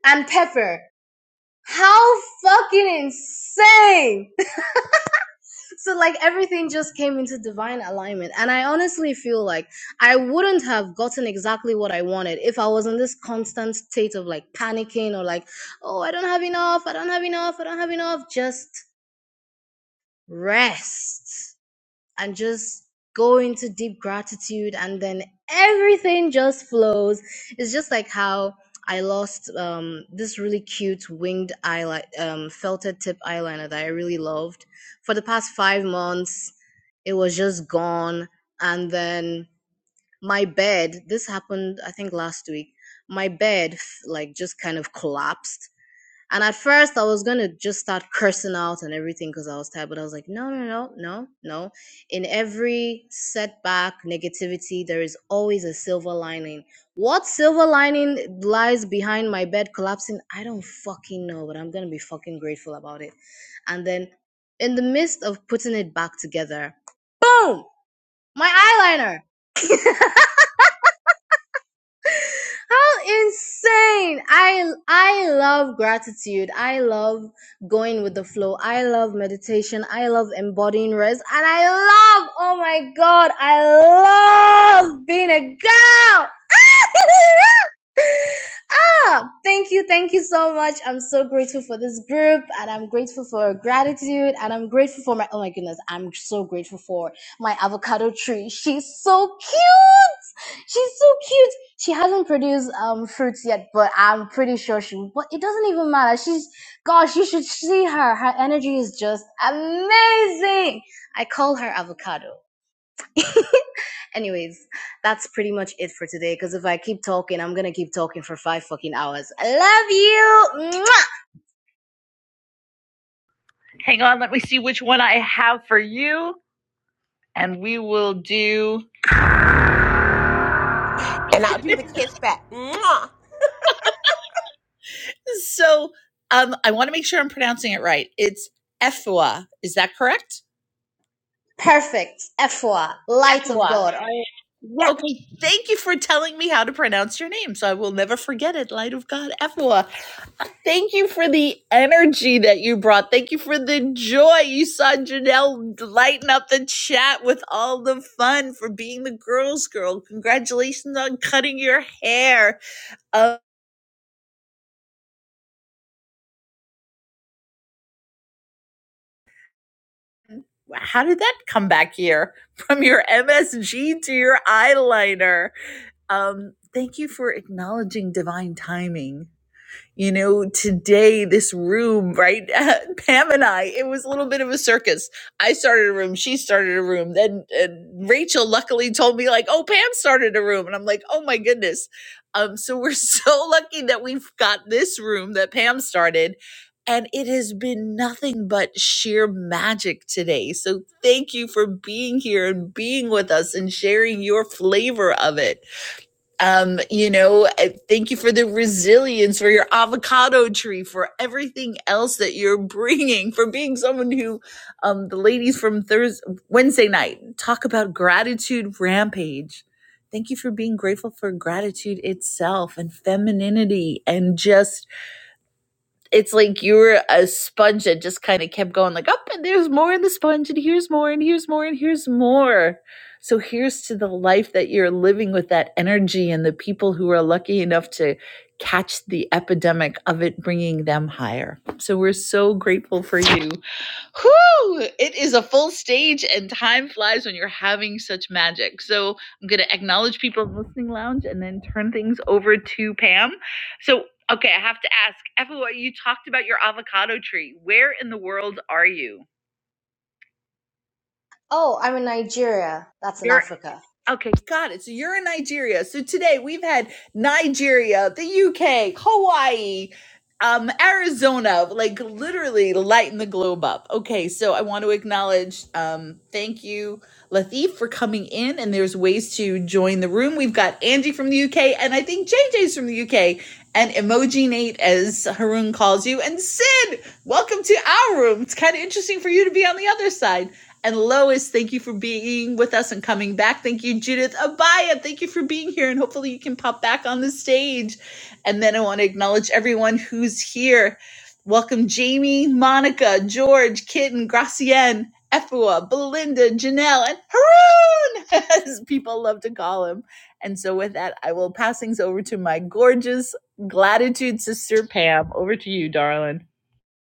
and pepper how fucking insane so like everything just came into divine alignment and i honestly feel like i wouldn't have gotten exactly what i wanted if i was in this constant state of like panicking or like oh i don't have enough i don't have enough i don't have enough just rest and just go into deep gratitude and then everything just flows it's just like how i lost um this really cute winged eyeliner um felted tip eyeliner that i really loved for the past 5 months it was just gone and then my bed this happened i think last week my bed f- like just kind of collapsed and at first, I was gonna just start cursing out and everything because I was tired. But I was like, no, no, no, no, no. In every setback, negativity, there is always a silver lining. What silver lining lies behind my bed collapsing? I don't fucking know, but I'm gonna be fucking grateful about it. And then, in the midst of putting it back together, boom! My eyeliner. How insane! I I love gratitude. I love going with the flow. I love meditation. I love embodying rest. And I love, oh my god, I love being a girl. ah, thank you, thank you so much. I'm so grateful for this group and I'm grateful for gratitude and I'm grateful for my oh my goodness, I'm so grateful for my avocado tree. She's so cute. She's so cute she hasn't produced um fruits yet, but I'm pretty sure she. But it doesn't even matter. She's gosh, you should see her. Her energy is just amazing. I call her avocado. Anyways, that's pretty much it for today. Because if I keep talking, I'm gonna keep talking for five fucking hours. I love you. Mwah!
Hang on, let me see which one I have for you. and we will do
And I'll do the kiss back, Mwah,
So um, I want to make sure I'm pronouncing it right. It's Efua. Is that correct?
Perfect. Efwa, light of
Efua.
God. Oh, yeah.
Okay. Thank you for telling me how to pronounce your name. So I will never forget it. Light of God, Efua. Thank you for the energy that you brought. Thank you for the joy. You saw Janelle lighten up the chat with all the fun for being the girls' girl. Congratulations on cutting your hair. Um, How did that come back here from your MSG to your eyeliner? Um, thank you for acknowledging divine timing you know today this room right pam and i it was a little bit of a circus i started a room she started a room then uh, rachel luckily told me like oh pam started a room and i'm like oh my goodness um so we're so lucky that we've got this room that pam started and it has been nothing but sheer magic today. So, thank you for being here and being with us and sharing your flavor of it um, you know, uh, thank you for the resilience, for your avocado tree, for everything else that you're bringing, for being someone who, um, the ladies from Thursday, Wednesday night talk about gratitude rampage. Thank you for being grateful for gratitude itself and femininity and just it's like you were a sponge that just kind of kept going like up and there's more in the sponge and here's more and here's more and here's more so here's to the life that you're living with that energy and the people who are lucky enough to catch the epidemic of it bringing them higher so we're so grateful for you Whew, it is a full stage and time flies when you're having such magic. So I'm going to acknowledge people in listening lounge and then turn things over to Pam. So, okay, I have to ask, Effa, you talked about your avocado tree. Where in the world are you?
Oh, I'm in Nigeria. That's in
You're.
Africa.
Okay. Got it. So you're in Nigeria. So today we've had Nigeria, the UK, Hawaii, um, Arizona, like literally lighten the globe up. Okay, so I want to acknowledge, um, thank you, Latif, for coming in. And there's ways to join the room. We've got Angie from the UK, and I think JJ's from the UK, and Emoji Nate, as Haroon calls you, and Sid. Welcome to our room. It's kind of interesting for you to be on the other side. And Lois, thank you for being with us and coming back. Thank you, Judith. Abaya, thank you for being here. And hopefully you can pop back on the stage. And then I want to acknowledge everyone who's here. Welcome, Jamie, Monica, George, Kitten, Gracienne, Efua, Belinda, Janelle, and Haroon, as people love to call him. And so with that, I will pass things over to my gorgeous gratitude sister, Pam. Over to you, darling.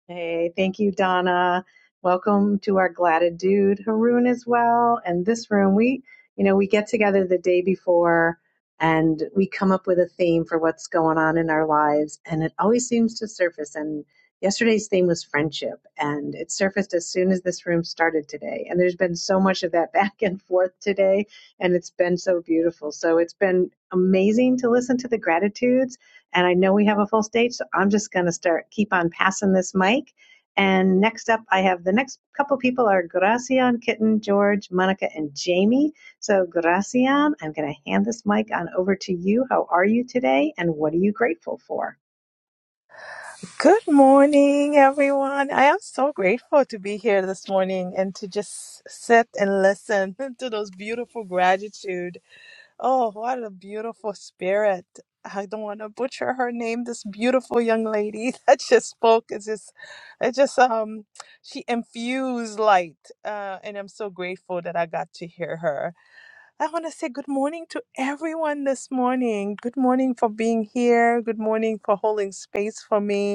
Hey, thank you, Donna. Welcome to our Gladded Dude, Haroon as well. And this room, we, you know, we get together the day before and we come up with a theme for what's going on in our lives. And it always seems to surface. And yesterday's theme was friendship. And it surfaced as soon as this room started today. And there's been so much of that back and forth today. And it's been so beautiful. So it's been amazing to listen to the gratitudes and I know we have a full stage, so I'm just going to start keep on passing this mic. And next up, I have the next couple people are Gracia and Kitten, George,
Good morning, everyone. I am so grateful to be here this morning and to just sit and listen to those beautiful gratitude. Oh, what a beautiful spirit. I don't want to butcher her name. This beautiful young lady that just spoke is just, it just, um, she infused light. Uh, and I'm so grateful that I got to hear her. I want to say good morning to everyone this morning. Good morning for being here. Good morning for holding space for me.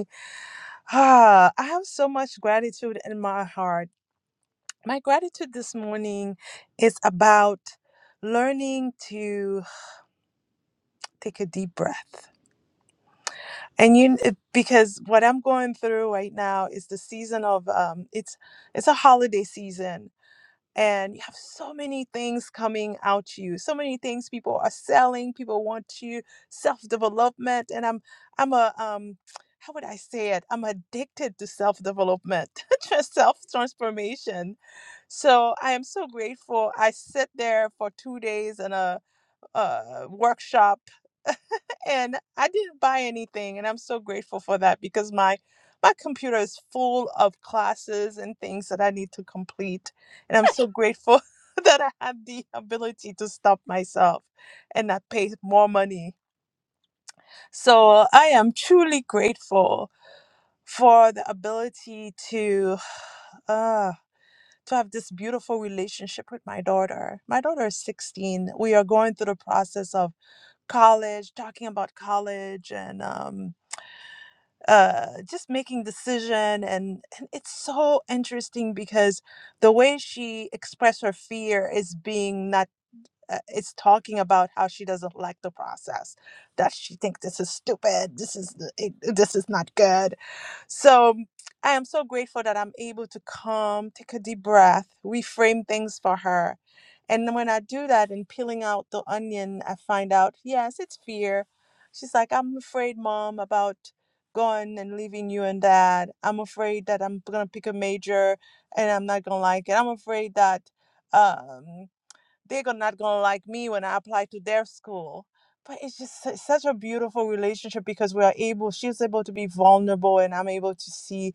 Ah, I have so much gratitude in my heart. My gratitude this morning is about learning to take a deep breath. And you, it- because what I'm going through right now is the season of um, it's it's a holiday season, and you have so many things coming out you so many things people are selling people want you self-development and i'm i'm a um how would i say it i'm addicted to self-development just self-transformation so i am so grateful i sit there for two days in a uh, workshop and I didn't buy anything and I'm so grateful for that because my my computer is full of classes and things that I need to complete and I'm so grateful that I have the ability to stop myself and not pay more money. So I am truly grateful for the ability to uh to have this beautiful relationship with my daughter. My daughter is 16. We are going through the process of college, talking about college and um, uh, just making decision. And, and it's so interesting because the way she expressed her fear is being not uh, is talking about how she doesn't like the process that she thinks this is stupid this is the- it, this is not good so i am so grateful that i'm able to come take a deep breath reframe things for her and then when i do that and peeling out the onion i find out yes it's fear she's like i'm afraid mom about going and leaving you and dad i'm afraid that i'm gonna pick a major and i'm not gonna like it i'm afraid that um they're gon- not going to like me when I apply to their school. But it's just su- such a beautiful relationship because we are able, she's able to be vulnerable, and I'm able to see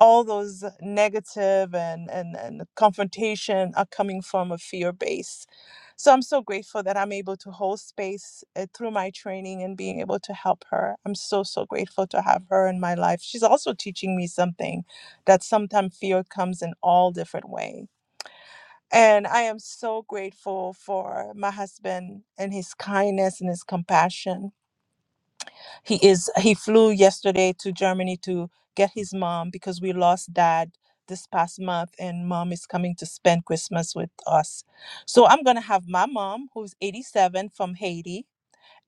all those negative and, and, and confrontation are coming from a fear base. So I'm so grateful that I'm able to hold space uh, through my training and being able to help her. I'm so, so grateful to have her in my life. She's also teaching me something that sometimes fear comes in all different ways and I am so grateful for my husband and his kindness and his compassion. He is he flew yesterday to Germany to get his mom because we lost dad this past month and mom is coming to spend Christmas with us. So I'm going to have my mom who's 87 from Haiti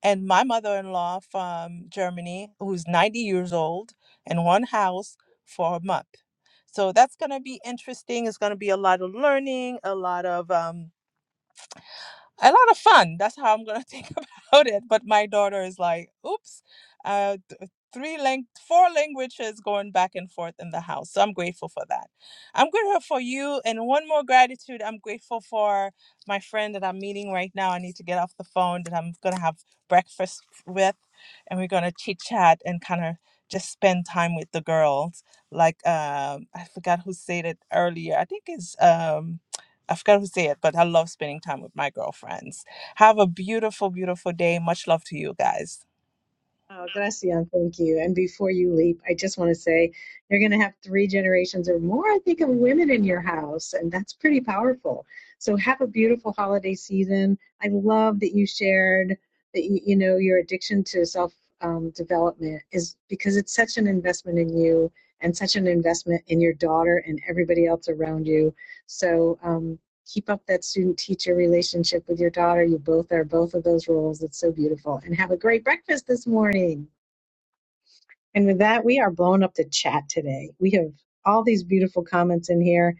and my mother-in-law from Germany who's 90 years old in one house for a month. So that's going to be interesting. It's going to be a lot of learning, a lot of um a lot of fun. That's how I'm gonna think about it. But my daughter is like, oops, uh, th- uh, three lang- four languages going back and forth in the house. So I'm grateful for that. I'm grateful for you. And one more gratitude. I'm grateful for my friend that I'm meeting right now. I need to get off the phone that I'm gonna have breakfast with, and we're gonna chit chat and kind of just spend time with the girls. Like um, I forgot who said it earlier. I think it's um. I forgot who said it, but I love spending time with my girlfriends. Have a beautiful, beautiful day. Much love to you guys.
Oh, Gracian, thank you. And before you leap, I just want to say you're going to have three generations or more, I think, of women in your house, and that's pretty powerful. So have a beautiful holiday season. I love that you shared that you, you know your addiction to self um, development is because it's such an investment in you and such an investment in your daughter and everybody else around you. So. Um, keep up that student teacher relationship with your daughter. You both are both of those roles. It's so beautiful. And have a great breakfast this morning. And with that, we are blowing up the chat today. We have all these beautiful comments in here.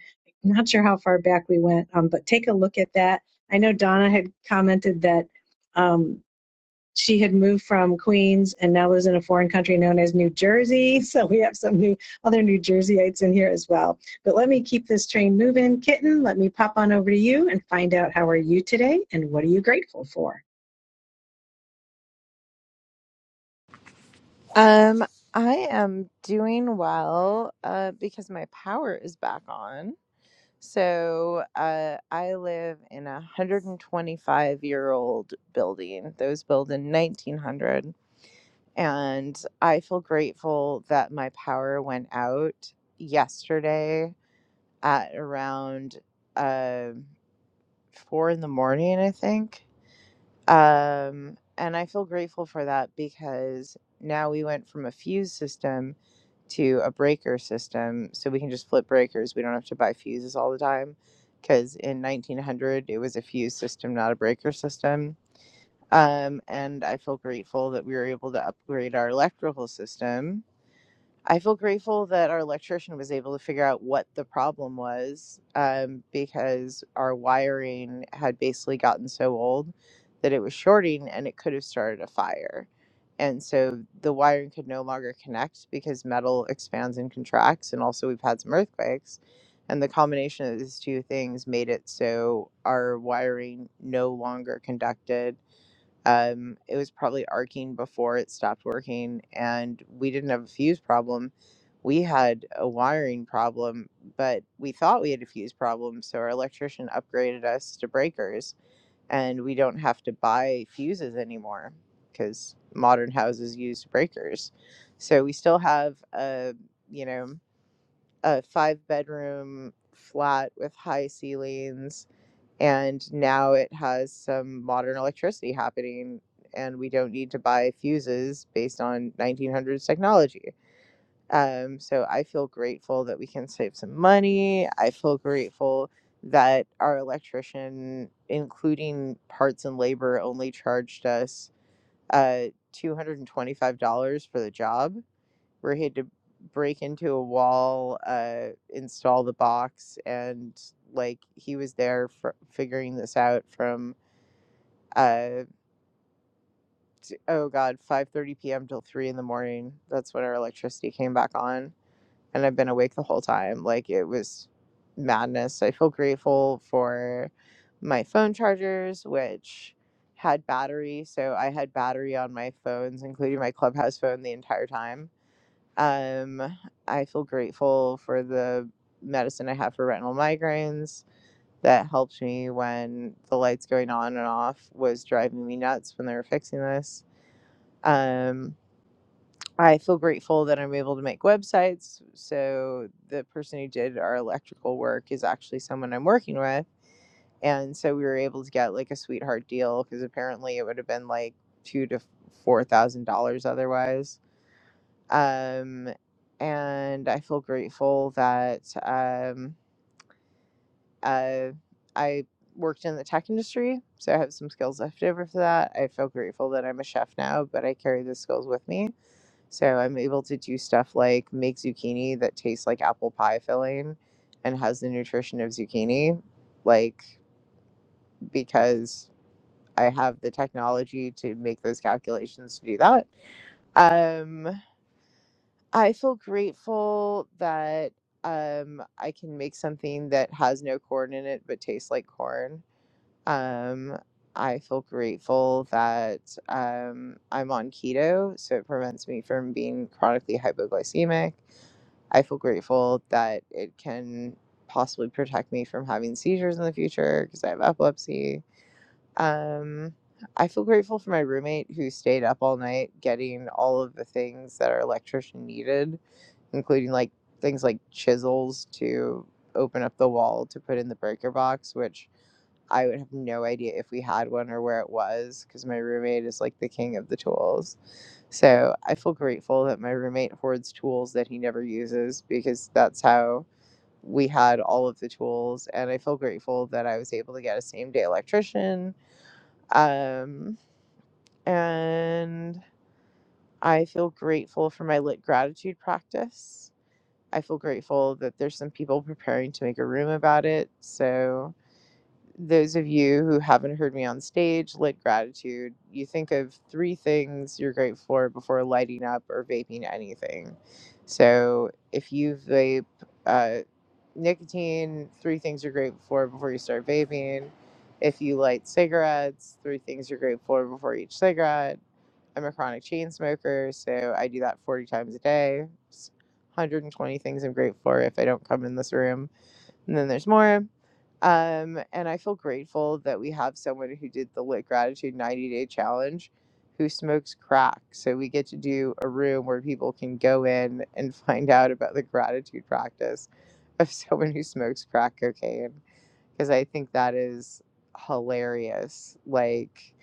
I'm not sure how far back we went, um, but take a look at that. I know Donna had commented that. um, she had moved from Queens and now lives in a foreign country known as New Jersey. So we have some new other New Jerseyites in here as well. But let me keep this train moving, kitten. Let me pop on over to you and find out how are you today and what are you grateful for?
Um, I am doing well uh, because my power is back on. So uh, I live in a 125 year old building that was built in 1900. And I feel grateful that my power went out yesterday at around uh, four in the morning, I think. Um, and I feel grateful for that because now we went from a fuse system to a breaker system so we can just flip breakers. We don't have to buy fuses all the time because in 1900 it was a fuse system, not a breaker system. Um, and I feel grateful that we were able to upgrade our electrical system I feel grateful that our electrician was able to figure out what the problem was um, because our wiring had basically gotten so old that it was shorting and it could have started a fire. And so the wiring could no longer connect because metal expands and contracts. And also, we've had some earthquakes. And the combination of these two things made it so our wiring no longer conducted um, it was probably arcing before it stopped working, and we didn't have a fuse problem. We had a wiring problem, but we thought we had a fuse problem, so our electrician upgraded us to breakers, and we don't have to buy fuses anymore because modern houses use breakers. So we still have a, you know, a five bedroom flat with high ceilings and now it has some modern electricity happening and we don't need to buy fuses based on 1900s technology um, so i feel grateful that we can save some money i feel grateful that our electrician including parts and labor only charged us uh, $225 for the job where he had to break into a wall, uh, install the box, and like he was there for figuring this out from uh t- oh god 5:30 p.m. till 3 in the morning that's when our electricity came back on and I've been awake the whole time like it was madness I feel grateful for my phone chargers which had battery so I had battery on my phones including my clubhouse phone the entire time um, I feel grateful for the medicine I have for retinal migraines that helped me when the lights going on and off was driving me nuts when they were fixing this. Um, I feel grateful that I'm able to make websites. So the person who did our electrical work is actually someone I'm working with. And so we were able to get like a sweetheart deal because apparently it would have been like two to four thousand dollars otherwise um, and I feel grateful that um, uh, I worked in the tech industry, so I have some skills left over for that. I feel grateful that I'm a chef now, but I carry the skills with me. So I'm able to do stuff like make zucchini that tastes like apple pie filling and has the nutrition of zucchini, like because I have the technology to make those calculations to do that. Um, I feel grateful that um, I can make something that has no corn in it but tastes like corn. Um, I feel grateful that um, I'm on keto, so it prevents me from being chronically hypoglycemic. I feel grateful that it can possibly protect me from having seizures in the future because I have epilepsy. Um, I feel grateful for my roommate who stayed up all night getting all of the things that our electrician needed including like things like chisels to open up the wall to put in the breaker box, which I would have no idea if we had one or where it was because my roommate is like the king of the tools. So I feel grateful that my roommate hoards tools that he never uses because that's how we had all of the tools. And I feel grateful that I was able to get a same day electrician. Um, and I feel grateful for my lit gratitude practice I feel grateful that there's some people preparing to make a room about it. So, those of you who haven't heard me on stage, lit gratitude, you think of three things you're grateful for before lighting up or vaping anything. So, if you vape uh, nicotine, three things you're grateful for before you start vaping. If you light cigarettes, three things you're grateful for before each cigarette I'm a chronic chain smoker, so I do that 40 times a day. It's 120 things I'm grateful for if I don't come in this room. And then there's more. Um, and I feel grateful that we have someone who did the Lit Gratitude 90 Day Challenge who smokes crack. So we get to do a room where people can go in and find out about the gratitude practice of someone who smokes crack cocaine because I think that is hilarious. Like,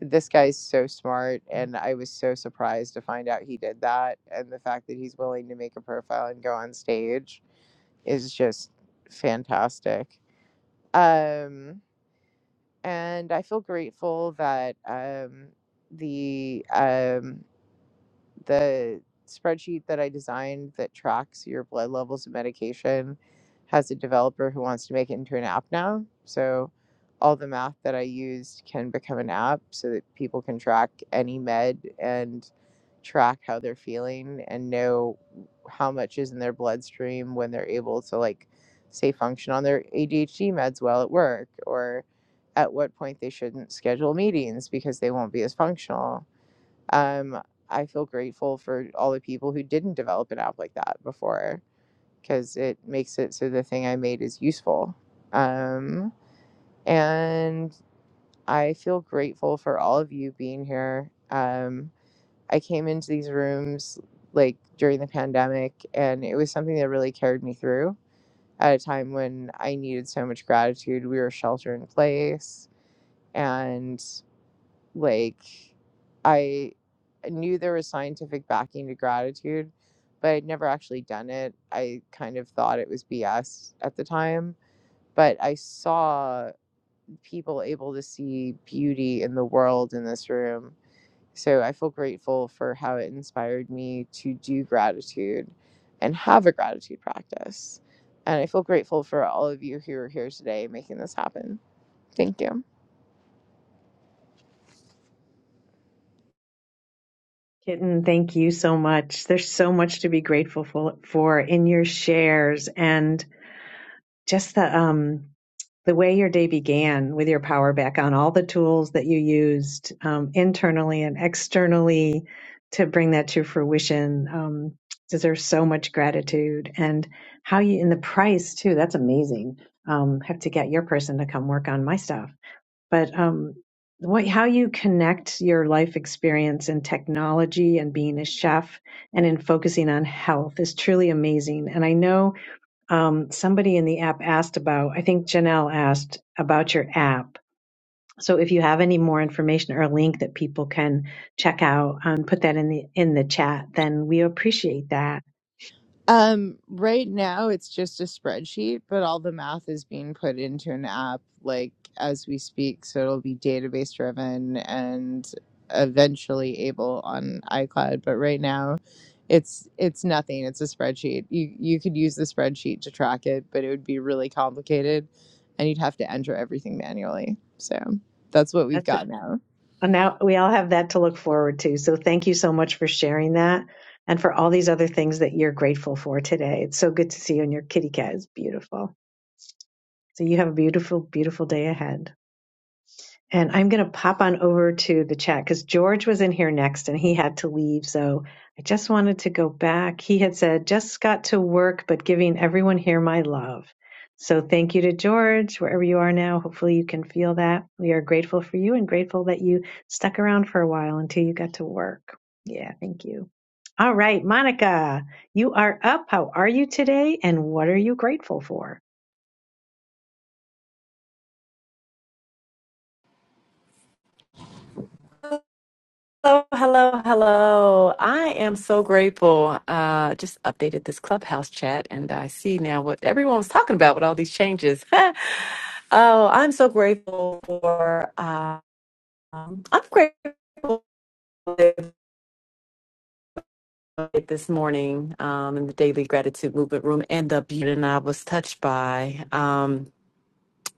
this guy's so smart, and I was so surprised to find out he did that. And the fact that he's willing to make a profile and go on stage is just fantastic. Um, and I feel grateful that um, the um, the spreadsheet that I designed that tracks your blood levels and medication has a developer who wants to make it into an app now. So all the math that I used can become an app so that people can track any med and track how they're feeling and know how much is in their bloodstream when they're able to like say function on their ADHD meds while at work or at what point they shouldn't schedule meetings because they won't be as functional um, I feel grateful for all the people who didn't develop an app like that before because it makes it so the thing I made is useful. Um, and I feel grateful for all of you being here. Um, I came into these rooms like during the pandemic, and it was something that really carried me through at a time when I needed so much gratitude. We were shelter in place and like I knew there was scientific backing to gratitude, but I'd never actually done it. I kind of thought it was BS at the time, but I saw people able to see beauty in the world in this room. So I feel grateful for how it inspired me to do gratitude and have a gratitude practice. And I feel grateful for all of you who are here today making this happen. Thank you.
too. That's amazing. Um, have to get your person to come work on my stuff. But um, what, how you connect your life experience and technology and being a chef and in focusing on health is truly amazing. And I know um, somebody in the app asked about, I think Janelle asked about your app. So if you have any more information or a link that people can check out and put that in the in the chat, then we appreciate that.
Um, right now it's just a spreadsheet, but all the math is being put into an app like as we speak, so it'll be database driven and eventually able on iCloud, but right now it's it's nothing. It's a spreadsheet. You you could use the spreadsheet to track it, but it would be really complicated and you'd have to enter everything manually. So that's what we've
That's a,
got now.
and now we all have that to look forward to. So thank you so much for sharing that and for all these other things that you're grateful for today. It's so good to see you, and your kitty cat is beautiful. So you have a beautiful, beautiful day ahead. And I'm going to pop on over to the chat because George was in here next and he had to leave. So I just wanted to go back. He had said, just got to work, but giving everyone here my love. So thank you to George, wherever you are now. Hopefully you can feel that. We are grateful for you and grateful that you stuck around for a while until you got to work. Yeah, thank you. All right, Monica, you are up. How are you today? And what are you grateful for?
Hello, hello, hello. I am so grateful. Uh, just updated this clubhouse chat and I see now what everyone was talking about with all these changes. oh, I'm so grateful for, um, I'm grateful this morning um, in the Daily Gratitude Movement Room and the beauty that I was touched by. Um,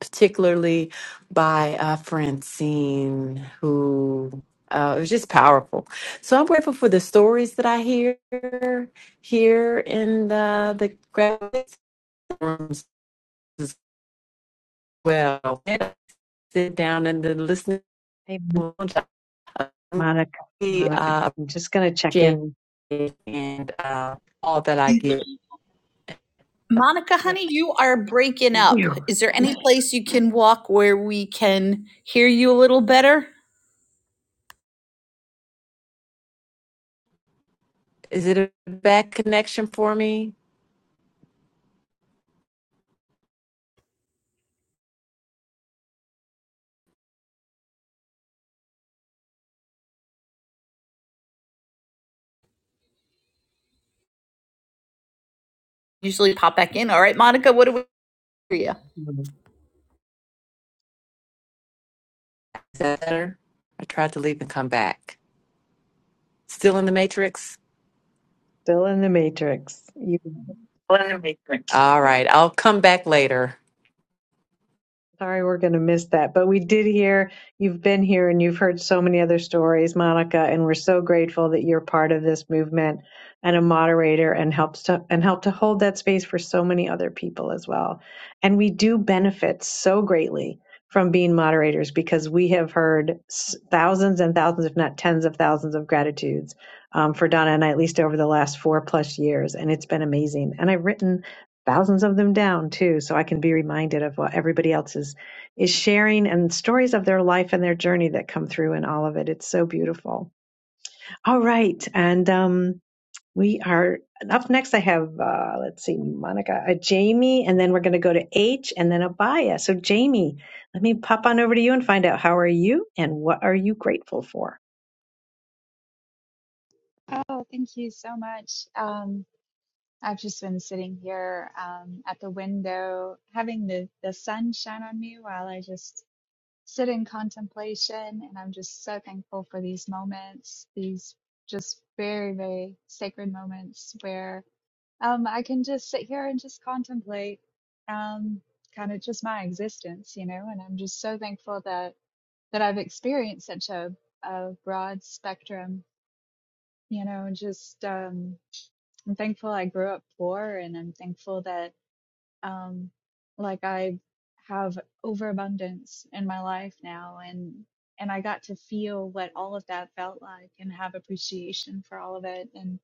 particularly by uh, Francine, who uh, it was just powerful. So I'm grateful for the stories that I hear here in the the graduate rooms as well. And I sit down in the listening
Hey, M-
lounge. I
Monica,
really
Monica,
uh,
I'm just going to check
appreciate
in.
it and uh, all that I get.
Monica,
Yeah.
honey, you are breaking
with
up.
You.
Is there any place you can walk where we can hear you a little better?
Is it a bad connection for me?
Usually pop back in. All right, Monica, what do we hear you?
Is that better? I tried to leave and come back. Still in the matrix.
Still in the matrix. You.
All right. I'll come back later.
Sorry, we're going to miss that. But we did hear, you've been here and you've heard so many other stories, Monica, and we're so grateful that you're part of this movement and a moderator and helps to and help to hold that space for so many other people as well. And we do benefit so greatly from being moderators because we have heard s- thousands and thousands, if not tens of thousands of gratitudes um, for Donna and I, at least over the last four plus years. And it's been amazing. And I've written thousands of them down too so i can be reminded of what everybody else is is sharing and stories of their life and their journey that come through in all of it it's so beautiful all right and um we are up next i have uh let's see monica a jamie and then we're going to go to h and then abaya so jamie let me pop on over to you and find out how are you and what are you grateful for
Oh, thank you so much. Um, I've just been sitting here um, at the window, having the, the sun shine on me while I just sit in contemplation. And I'm just so thankful for these moments, these just very, very sacred moments where um, I can just sit here and just contemplate um, kind of just my existence, you know. And I'm just so thankful that that I've experienced such a, a broad spectrum, you know, and just. Um, I'm thankful I grew up poor and I'm thankful that um like I have overabundance in my life now and and I got to feel what all of that felt like and have appreciation for all of it and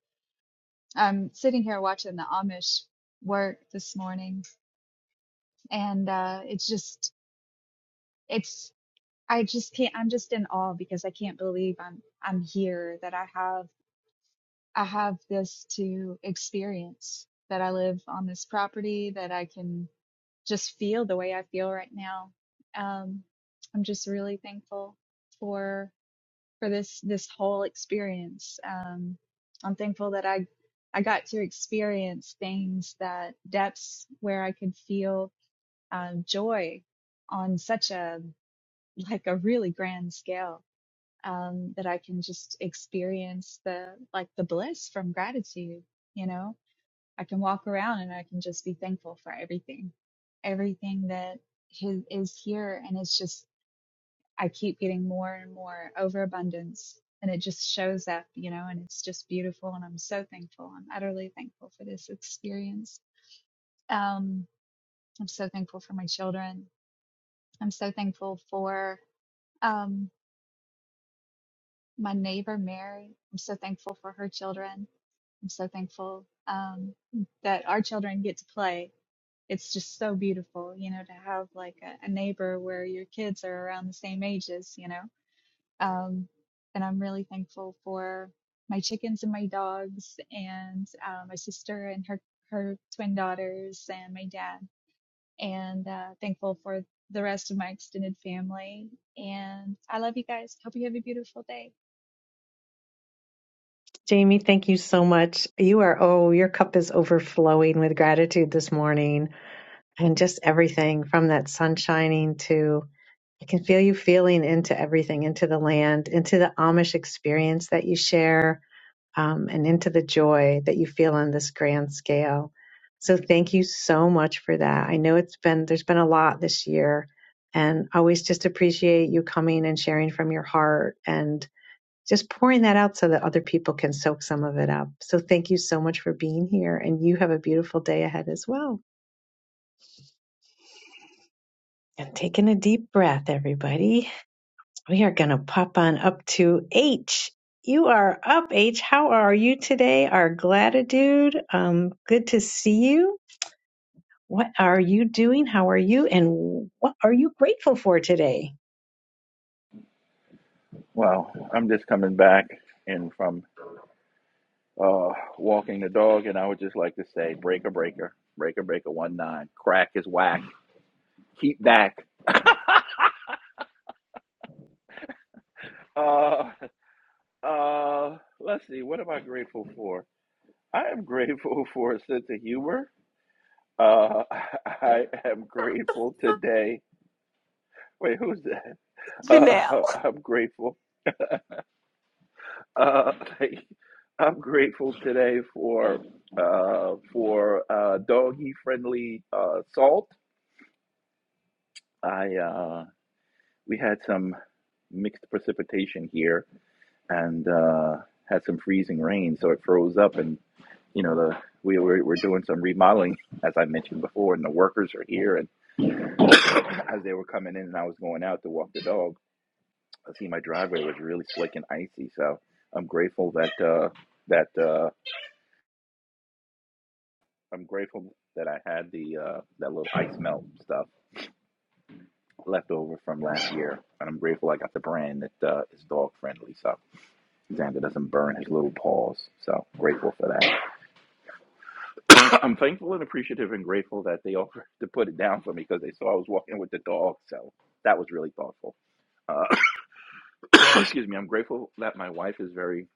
I'm sitting here watching the Amish work this morning and uh it's just it's I just can't I'm just in awe because I can't believe I'm I'm here that I have I have this to experience that I live on this property that I can just feel the way I feel right now. Um, I'm just really thankful for for this this whole experience. Um, I'm thankful that I I got to experience things that depths where I could feel um, joy on such a like a really grand scale um, that I can just experience the like the bliss from gratitude. You know, I can walk around and I can just be thankful for everything, everything that his, is here. And it's just, I keep getting more and more overabundance and it just shows up, you know, and it's just beautiful. And I'm so thankful. I'm utterly thankful for this experience. Um, I'm so thankful for my children. I'm so thankful for um, my neighbor, Mary. I'm so thankful for her children. I'm so thankful um, that our children get to play it's just so beautiful, you know, to have like a, a neighbor where your kids are around the same ages, you know. Um, and I'm really thankful for my chickens and my dogs, and uh, my sister and her her twin daughters, and my dad. And uh, thankful for the rest of my extended family. And I love you guys. Hope you have a beautiful day.
jamie thank you so much you are oh your cup is overflowing with gratitude this morning and just everything from that sun shining to I can feel you feeling into everything, into the land, into the Amish experience that you share, um, and into the joy that you feel on this grand scale. So thank you so much for that. I know it's been there's been a lot this year, and I always just appreciate you coming and sharing from your heart and just pouring that out so that other people can soak some of it up. So thank you so much for being here, and you have a beautiful day ahead as well. And taking a deep breath, everybody. We are going to pop on up to H. You are up, H. How are you today? Our gratitude. Um, good to see you. What are you doing? How are you? And what are you grateful for today?
Well, I'm just coming back and from uh, walking the dog, and I would just like to say, breaker, breaker, breaker, breaker, one nine. Crack is whack. Keep back. Uh, uh, let's see. What am I grateful for? I am grateful for a sense of humor. Uh, I am grateful today. Wait, who's that? Uh,
Janelle.
I'm grateful. Uh, I'm grateful today for uh, for uh, doggy friendly uh, salt I uh, we had some mixed precipitation here and uh, had some freezing rain, so it froze up. And you know, the we were, were doing some remodeling, as I mentioned before, and the workers are here. And as they were coming in, and I was going out to walk the dog, I see my driveway was really slick and icy. So I'm grateful that uh, that uh, I'm grateful that I had the uh, that little ice melt stuff left over from last year, and I'm grateful I got the brand that uh, is dog friendly. So Xander doesn't burn his little paws. So grateful for that. I'm thankful and appreciative and grateful that they offered to put it down for me because they saw I was walking with the dog. So that was really thoughtful. Uh, excuse me. I'm grateful that my wife is very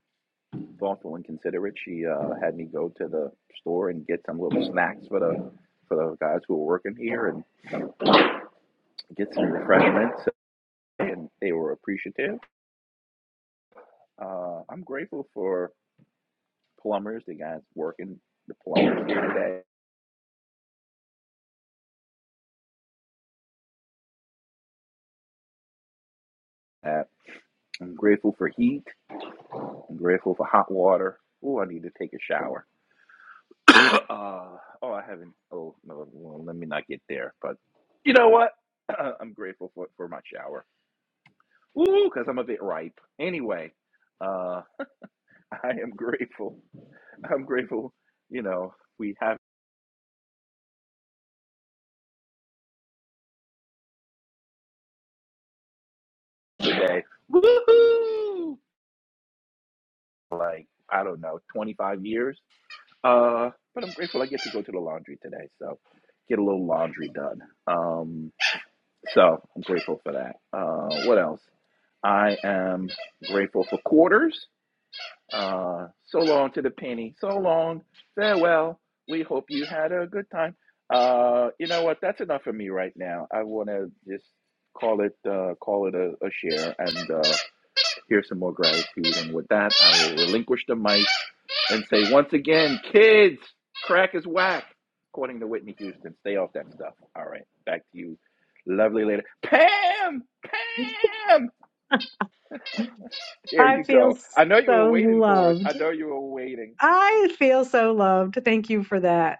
thoughtful and considerate. She uh, had me go to the store and get some little snacks for the for the guys who were working here and get some refreshments, and they were appreciative. Uh, I'm grateful for plumbers, the guys working the plumbers here today. Uh, I'm grateful for heat. I'm grateful for hot water. Oh, I need to take a shower. Uh, oh, I haven't. Oh, no, well, let me not get there. But you know what? I'm grateful for, for my shower. Ooh, because I'm a bit ripe. Anyway, uh, I am grateful. I'm grateful, you know, we have today. Woohoo! Like, I don't know, 25 years. Uh, but I'm grateful I get to go to the laundry today. So get a little laundry done. Um, So I'm grateful for that. Uh, what else? I am grateful for quarters. Uh, so long to the penny. So long. Farewell. We hope you had a good time. Uh, you know what? That's enough for me right now. I want to just call it uh, call it a, a share and uh, hear some more gratitude. And with that, I will relinquish the mic and say, once again, kids, crack is whack. According to Whitney Houston, stay off that stuff. All right, back to you, lovely lady. Pam! Pam! There
I
you go.
feel
I know you were
so
waiting for it. I
loved.
know you were waiting.
I feel so loved. Thank you for that.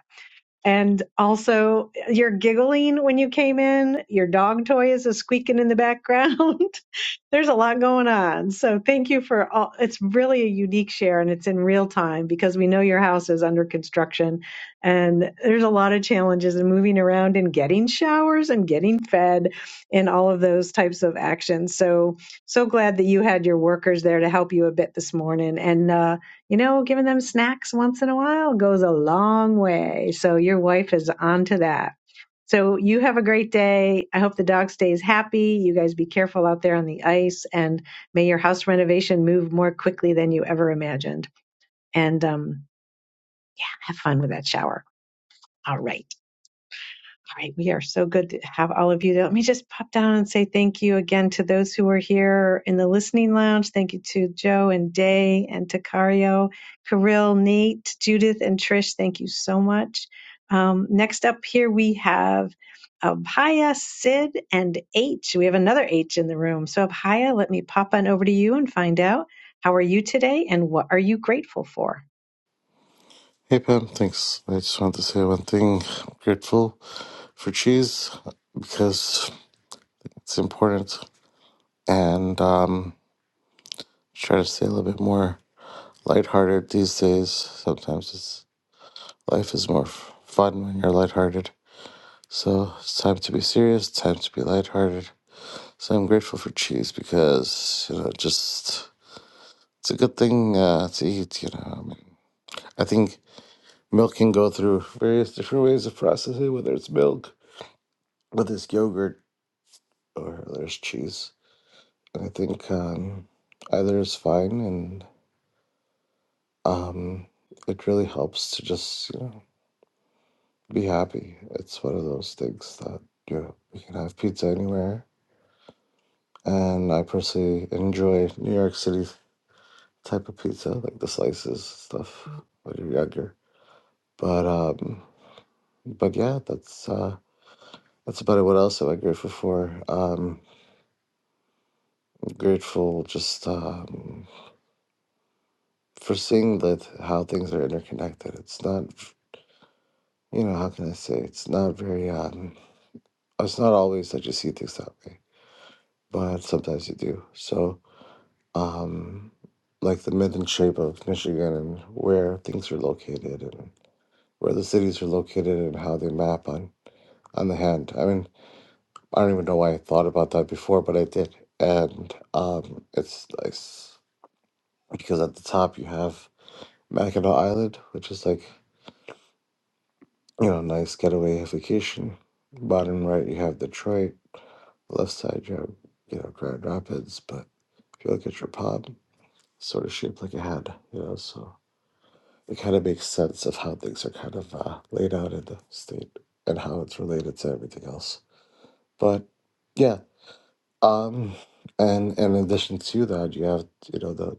And also, you're giggling when you came in. Your dog toy is a squeaking in the background. There's a lot going on. So, thank you for all. It's really a unique share and it's in real time because we know your house is under construction and there's a lot of challenges in moving around and getting showers and getting fed and all of those types of actions. So, so glad that you had your workers there to help you a bit this morning. And, uh, you know, giving them snacks once in a while goes a long way. So your wife is onto that. So you have a great day. I hope the dog stays happy. You guys be careful out there on the ice and may your house renovation move more quickly than you ever imagined. And um, have fun with that shower. All right. Right, we are so good to have all of you. Let me just pop down and say thank you again to those who are here in the listening lounge. Thank you to Joe and Day and Takario, Kirill, Nate, Judith, and Trish. Thank you so much. Um, next up here we have Abhaya, Sid, and H. We have another H in the room. So Abhaya, let me pop on over to you and find out how are you today and what are you grateful for?
Hey Pam, thanks. I just wanted to say one thing. I'm grateful for cheese because it's important and um try to stay a little bit more lighthearted these days. Sometimes it's life is more f- fun when you're lighthearted. So it's time to be serious, It's time to be lighthearted. So I'm grateful for cheese because, you know, just it's a good thing uh, to eat, you know. I mean, I think milk can go through various different ways of processing, whether it's milk, whether it's yogurt or there's cheese. And I think um, either is fine, and um, it really helps to just you know be happy. It's one of those things that you know you can have pizza anywhere, and I personally enjoy New York City type of pizza, like the slices stuff when you're younger. But um, but yeah, that's uh, that's about it. What else am I grateful for? Um, I'm grateful just um, for seeing that how things are interconnected. It's not you know, how can I say? It's not very, um, it's not always that you see things that way, but sometimes you do. So, um, like the myth and shape of Michigan and where things are located and where the cities are located and how they map on, on the hand. I mean, I don't even know why I thought about that before, but I did. And um, it's nice because at the top you have Mackinac Island, which is like, you know, nice getaway vacation. Bottom right, you have Detroit left side, you have, you know, Grand Rapids, but if you look at your pod, it's sort of shaped like a head, you know, so it kind of makes sense of how things are kind of uh, laid out in the state and how it's related to everything else. But yeah, um, and and in addition to that, you have, you know, the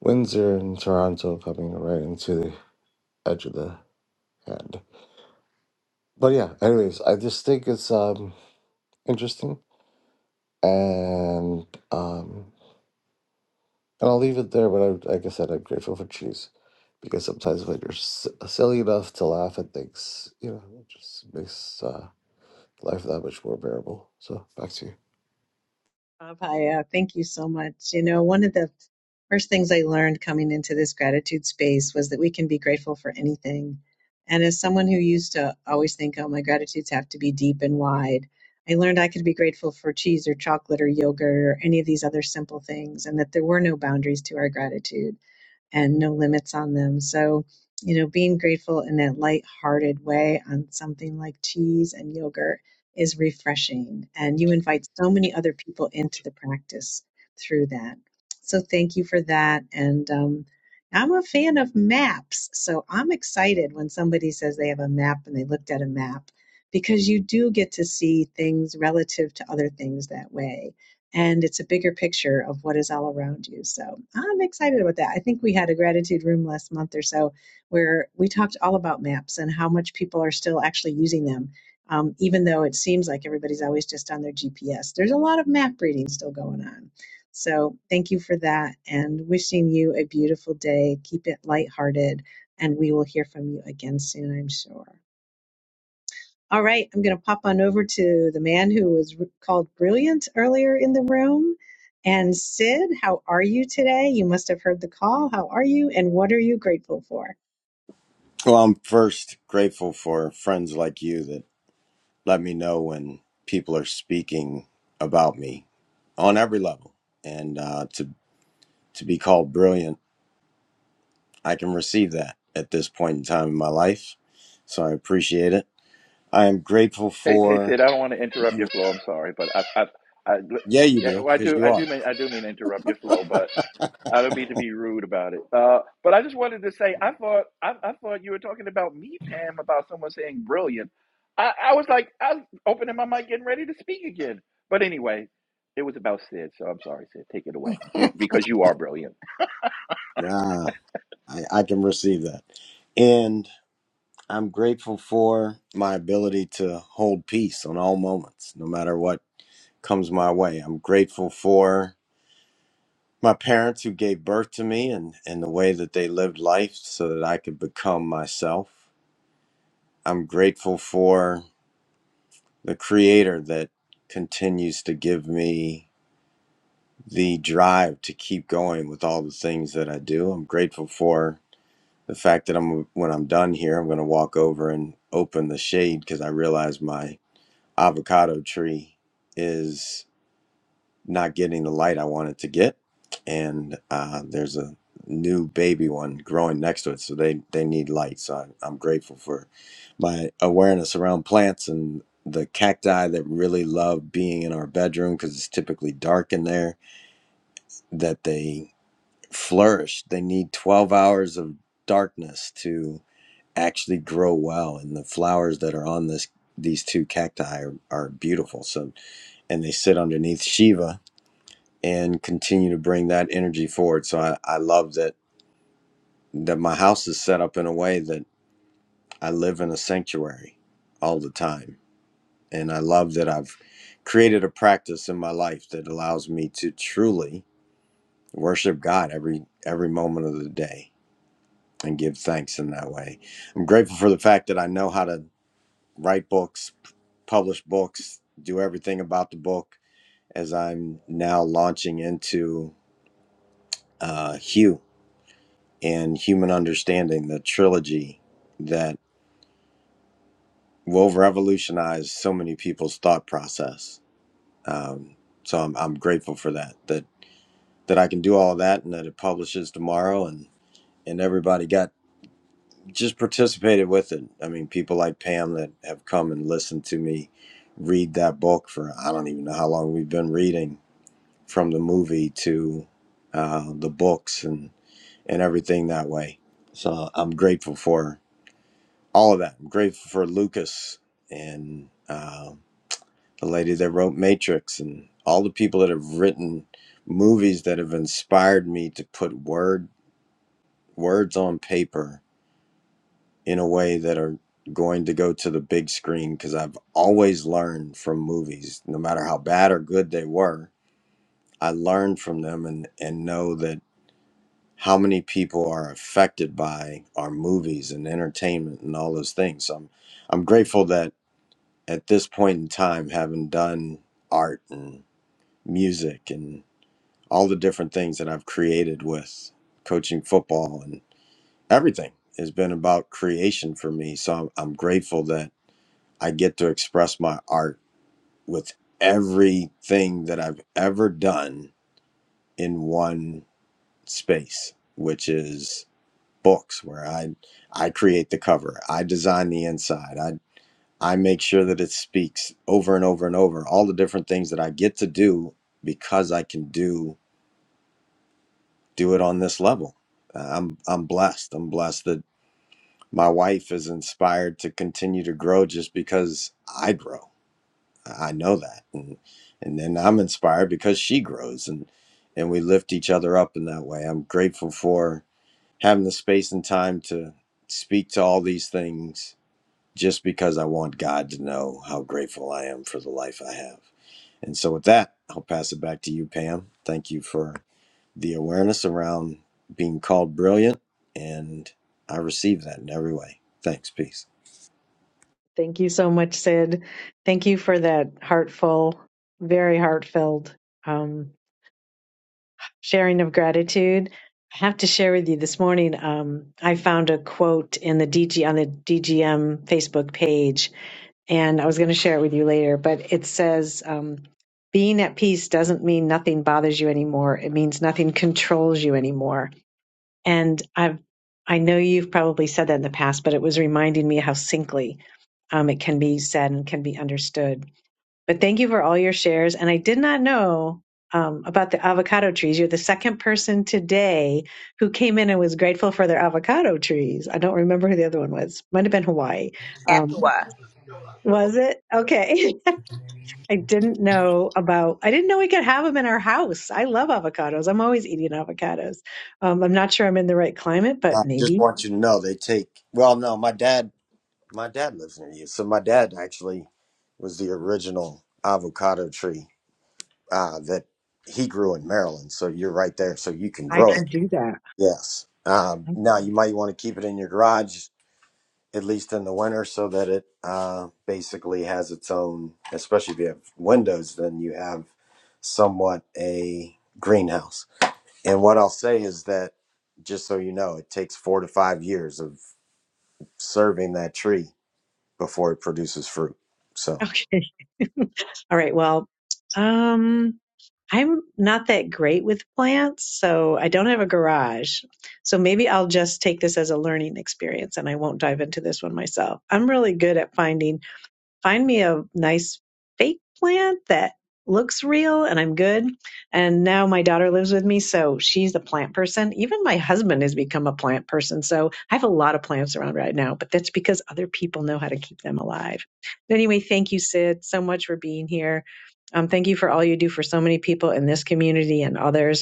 Windsor and Toronto coming right into the edge of the head. But yeah, anyways, I just think it's um interesting and um And I'll leave it there, but I, like I said, I'm grateful for cheese because sometimes when you're s- silly enough to laugh at things, you know, it just makes uh, life that much more bearable. So back to you.
Abhaya, thank you so much. You know, one of the first things I learned coming into this gratitude space was that we can be grateful for anything. And as someone who used to always think, oh, my gratitudes have to be deep and wide, I learned I could be grateful for cheese or chocolate or yogurt or any of these other simple things, and that there were no boundaries to our gratitude and no limits on them. So, you know, being grateful in that light-hearted way on something like cheese and yogurt is refreshing. And you invite so many other people into the practice through that. So, thank you for that. And um, I'm a fan of maps. So, I'm excited when somebody says they have a map and they looked at a map because you do get to see things relative to other things that way and it's a bigger picture of what is all around you. So I'm excited about that. I think we had a gratitude room last month or so where we talked all about maps and how much people are still actually using them. Um, even though it seems like everybody's always just on their GPS, there's a lot of map reading still going on. So, thank you for that and wishing you a beautiful day. Keep it lighthearted, and we will hear from you again soon, I'm sure. All right, I'm going to pop on over to the man who was called brilliant earlier in the room. And Sid, how are you today? You must have heard the call. How are you? And what are you grateful for?
Well, I'm first grateful for friends like you that let me know when people are speaking about me on every level. And uh, to, to be called brilliant, I can receive that at this point in time in my life. So I appreciate it. I am grateful
Hey, hey,
for,
Sid. I don't want to interrupt your flow. I'm sorry, but I, I, I,
yeah, you
yeah,
do,
well, I
because
do,
you
I do
are.
mean, I do mean to interrupt your flow, but I don't mean to be rude about it. Uh, but I just wanted to say, I thought, I, I thought you were talking about me, Pam, about someone saying brilliant. I, I was like, I was opening my mic, getting ready to speak again. But anyway, it was about Sid, so I'm sorry, Sid. Take it away, you, because you are brilliant.
Yeah, I, I can receive that. And I'm grateful for my ability to hold peace on all moments, no matter what comes my way. I'm grateful for my parents who gave birth to me and, and the way that they lived life so that I could become myself. I'm grateful for the creator that continues to give me the drive to keep going with all the things that I do. I'm grateful for the fact that I'm when I'm done here, I'm going to walk over and open the shade because I realize my avocado tree is not getting the light I wanted to get, and uh, there's a new baby one growing next to it, so they they need light. So I, I'm grateful for my awareness around plants and the cacti that really love being in our bedroom because it's typically dark in there. That they flourish. They need 12 hours of darkness to actually grow well, and the flowers that are on this these two cacti are, are beautiful. So and they sit underneath Shiva and continue to bring that energy forward. So I, I love that that my house is set up in a way that I live in a sanctuary all the time. And I love that I've created a practice in my life that allows me to truly worship God every every moment of the day and give thanks in that way. I'm grateful for the fact that I know how to write books, publish books, do everything about the book as I'm now launching into uh, Hue and Human Understanding, the trilogy that will revolutionize so many people's thought process. Um, so I'm, I'm grateful for that, that, that I can do all that and that it publishes tomorrow and, and everybody got just participated with it. I mean, people like Pam that have come and listened to me read that book for, I don't even know how long we've been reading from the movie to uh, the books and, and everything that way. So I'm grateful for all of that. I'm grateful for Lucas and uh, the lady that wrote Matrix and all the people that have written movies that have inspired me to put word words on paper in a way that are going to go to the big screen because I've always learned from movies, no matter how bad or good they were. I learned from them and, and know that how many people are affected by our movies and entertainment and all those things. So I'm, I'm grateful that at this point in time, having done art and music and all the different things that I've created with coaching football and everything has been about creation for me. So I'm, I'm grateful that I get to express my art with everything that I've ever done in one space, which is books where I I create the cover, I design the inside, I. I make sure that it speaks over and over and over all the different things that I get to do because I can do do it on this level. Uh, I'm I'm blessed. I'm blessed that my wife is inspired to continue to grow just because I grow. I know that, and and then I'm inspired because she grows, and and we lift each other up in that way. I'm grateful for having the space and time to speak to all these things just because I want God to know how grateful I am for the life I have And so, with that, I'll pass it back to you, Pam. Thank you for the awareness around being called brilliant. And I receive that in every way. Thanks. Peace.
Thank you so much, Sid. Thank you for that heartful, very heartfelt. um, sharing of gratitude. I have to share with you this morning. Um, I found a quote in the DG on the DGM Facebook page, and I was going to share it with you later. But it says, um, "Being at peace doesn't mean nothing bothers you anymore. It means nothing controls you anymore." And I've I know you've probably said that in the past, but it was reminding me how simply um, it can be said and can be understood. But thank you for all your shares. And I did not know um, about the avocado trees. You're the second person today who came in and was grateful for their avocado trees. I don't remember who the other one was. Might have been Hawaii. Um,
Papua
was it? Okay. I didn't know about, I didn't know we could have them in our house. I love avocados. I'm always eating avocados. Um, I'm not sure I'm in the right climate, but
I just
maybe.
want you to know they take, well, no, my dad, my dad lives near you. So, my dad actually was the original avocado tree uh, that he grew in Maryland. So, you're right there. So, you can
I
grow
can
it.
do that.
Yes. Um, now, you might want to keep it in your garage at least in the winter, so that it uh, basically has its own. Especially if you have windows, then you have somewhat a greenhouse. And what I'll say is that, just so you know, it takes four to five years of serving that tree before it produces fruit. So.
Okay. All right. Well, um, I'm not that great with plants, so I don't have a garage. So maybe I'll just take this as a learning experience and I won't dive into this one myself. I'm really good at finding find me a nice fake plant that looks real and I'm good. And now my daughter lives with me, so she's the plant person. Even my husband has become a plant person. So I have a lot of plants around right now, but that's because other people know how to keep them alive. But anyway, thank you, Sid, so much for being here. Um, thank you for all you do for so many people in this community and others.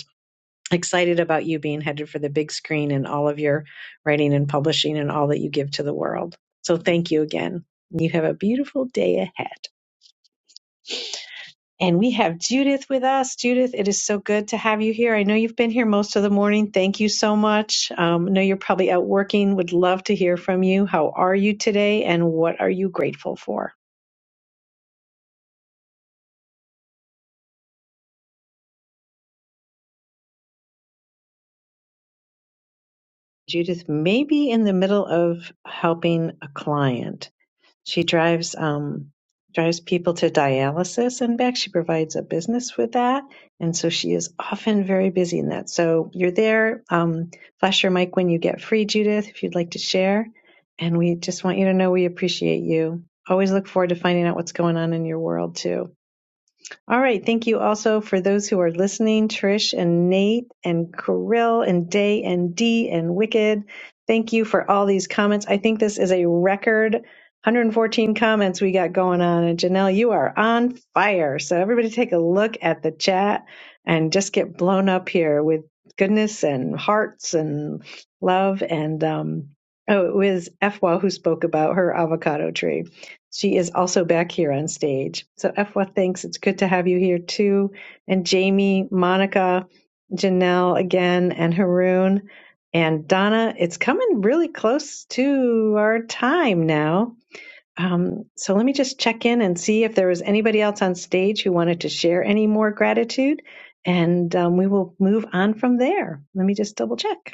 Excited about you being headed for the big screen and all of your writing and publishing and all that you give to the world. So thank you again. You have a beautiful day ahead. And we have Judith with us. Judith, it is so good to have you here. I know you've been here most of the morning. Thank you so much. Um, I know you're probably out working. Would love to hear from you. How are you today and what are you grateful for? Judith may be in the middle of helping a client. She drives um, drives people to dialysis and back. She provides a business with that, and so she is often very busy in that. So you're there. Um, flash your mic when you get free, Judith, if you'd like to share. And we just want you to know we appreciate you. Always look forward to finding out what's going on in your world too. All right. Thank you also for those who are listening, Trish and Nate and Kirill and Day and D and Wicked. Thank you for all these comments. I think this is a record 114 comments we got going on. And Janelle, you are on fire. So everybody take a look at the chat and just get blown up here with goodness and hearts and love. And um, oh, it was Efwa who spoke about her avocado tree. She is also back here on stage. So, Efwa, thanks. It's good to have you here too. And Jamie, Monica, Janelle again, and Haroon. And Donna, it's coming really close to our time now. Um, so, let me just check in and see if there was anybody else on stage who wanted to share any more gratitude. And um, we will move on from there. Let me just double check.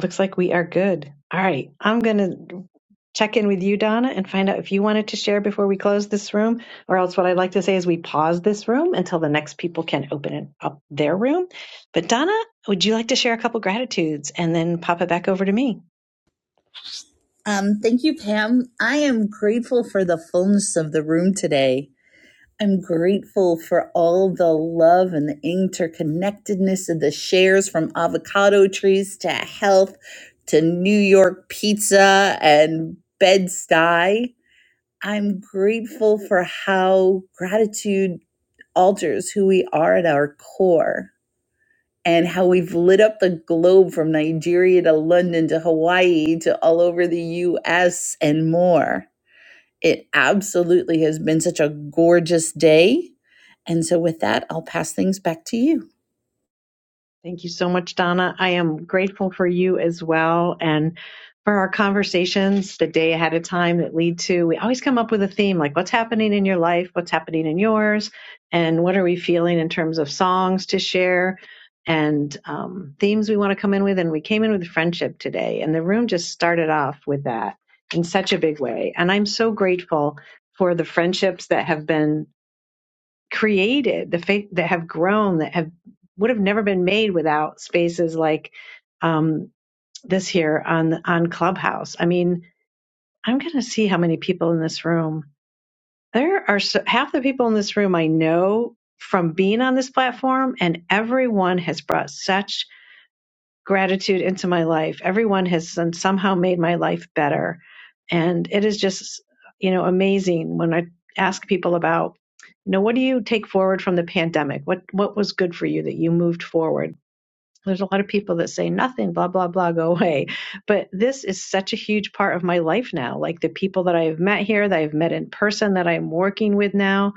Looks like we are good. All right. I'm going to check in with you, Donna, and find out if you wanted to share before we close this room, or else what I'd like to say is we pause this room until the next people can open it up their room. But Donna, would you like to share a couple gratitudes and then pop it back over to me?
Um, thank you, Pam. I am grateful for the fullness of the room today. I'm grateful for all the love and the interconnectedness of the shares from avocado trees to health to New York pizza and bed-stuy. I'm grateful for how gratitude alters who we are at our core and how we've lit up the globe from Nigeria to London to Hawaii to all over the US and more. It absolutely has been such a gorgeous day. And so, with that, I'll pass things back to you.
Thank you so much, Donna. I am grateful for you as well and for our conversations the day ahead of time that lead to. We always come up with a theme like what's happening in your life, what's happening in yours, and what are we feeling in terms of songs to share and um, themes we want to come in with. And we came in with friendship today, and the room just started off with that in such a big way. And I'm so grateful for the friendships that have been created the faith that have grown that have would have never been made without spaces like um, this here on on clubhouse i mean i'm going to see how many people in this room there are so, half the people in this room i know from being on this platform and everyone has brought such gratitude into my life. Everyone has somehow made my life better. And it is just, you know, amazing when I ask people about, you know, what do you take forward from the pandemic? What what was good for you that you moved forward? There's a lot of people that say nothing, blah, blah, blah, go away. But this is such a huge part of my life now. Like the people that I have met here, that I've met in person, that I'm working with now,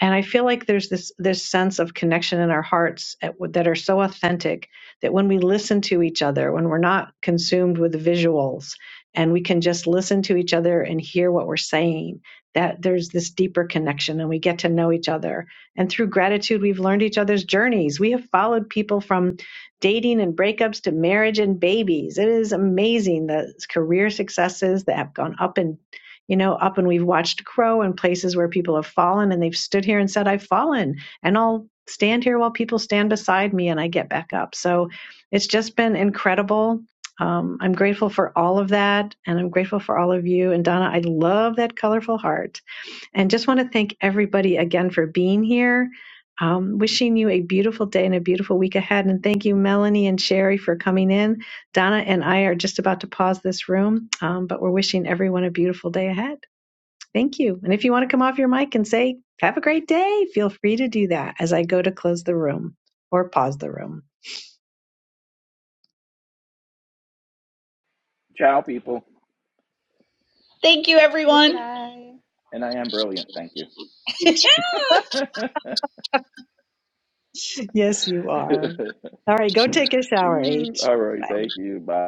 and i feel like there's this this sense of connection in our hearts at, that are so authentic that when we listen to each other when we're not consumed with visuals and we can just listen to each other and hear what we're saying that there's this deeper connection and we get to know each other and through gratitude we've learned each other's journeys we have followed people from dating and breakups to marriage and babies it is amazing the career successes that have gone up and you know, up and we've watched grow in places where people have fallen and they've stood here and said, I've fallen and I'll stand here while people stand beside me and I get back up. So it's just been incredible. Um, I'm grateful for all of that and I'm grateful for all of you. And Donna, I love that colorful heart and just want to thank everybody again for being here. Um, wishing you a beautiful day and a beautiful week ahead. And thank you, Melanie and Sherry, for coming in. Donna and I are just about to pause this room, um, but we're wishing everyone a beautiful day ahead. Thank you. And if you want to come off your mic and say, have a great day, feel free to do that as I go to close the room or pause the room.
Ciao, people,
Thank you, everyone.
Goodbye.
and I am brilliant. Thank you.
yes, you are. All right, go take a shower, H.
All right,
Bye.
thank you. Bye.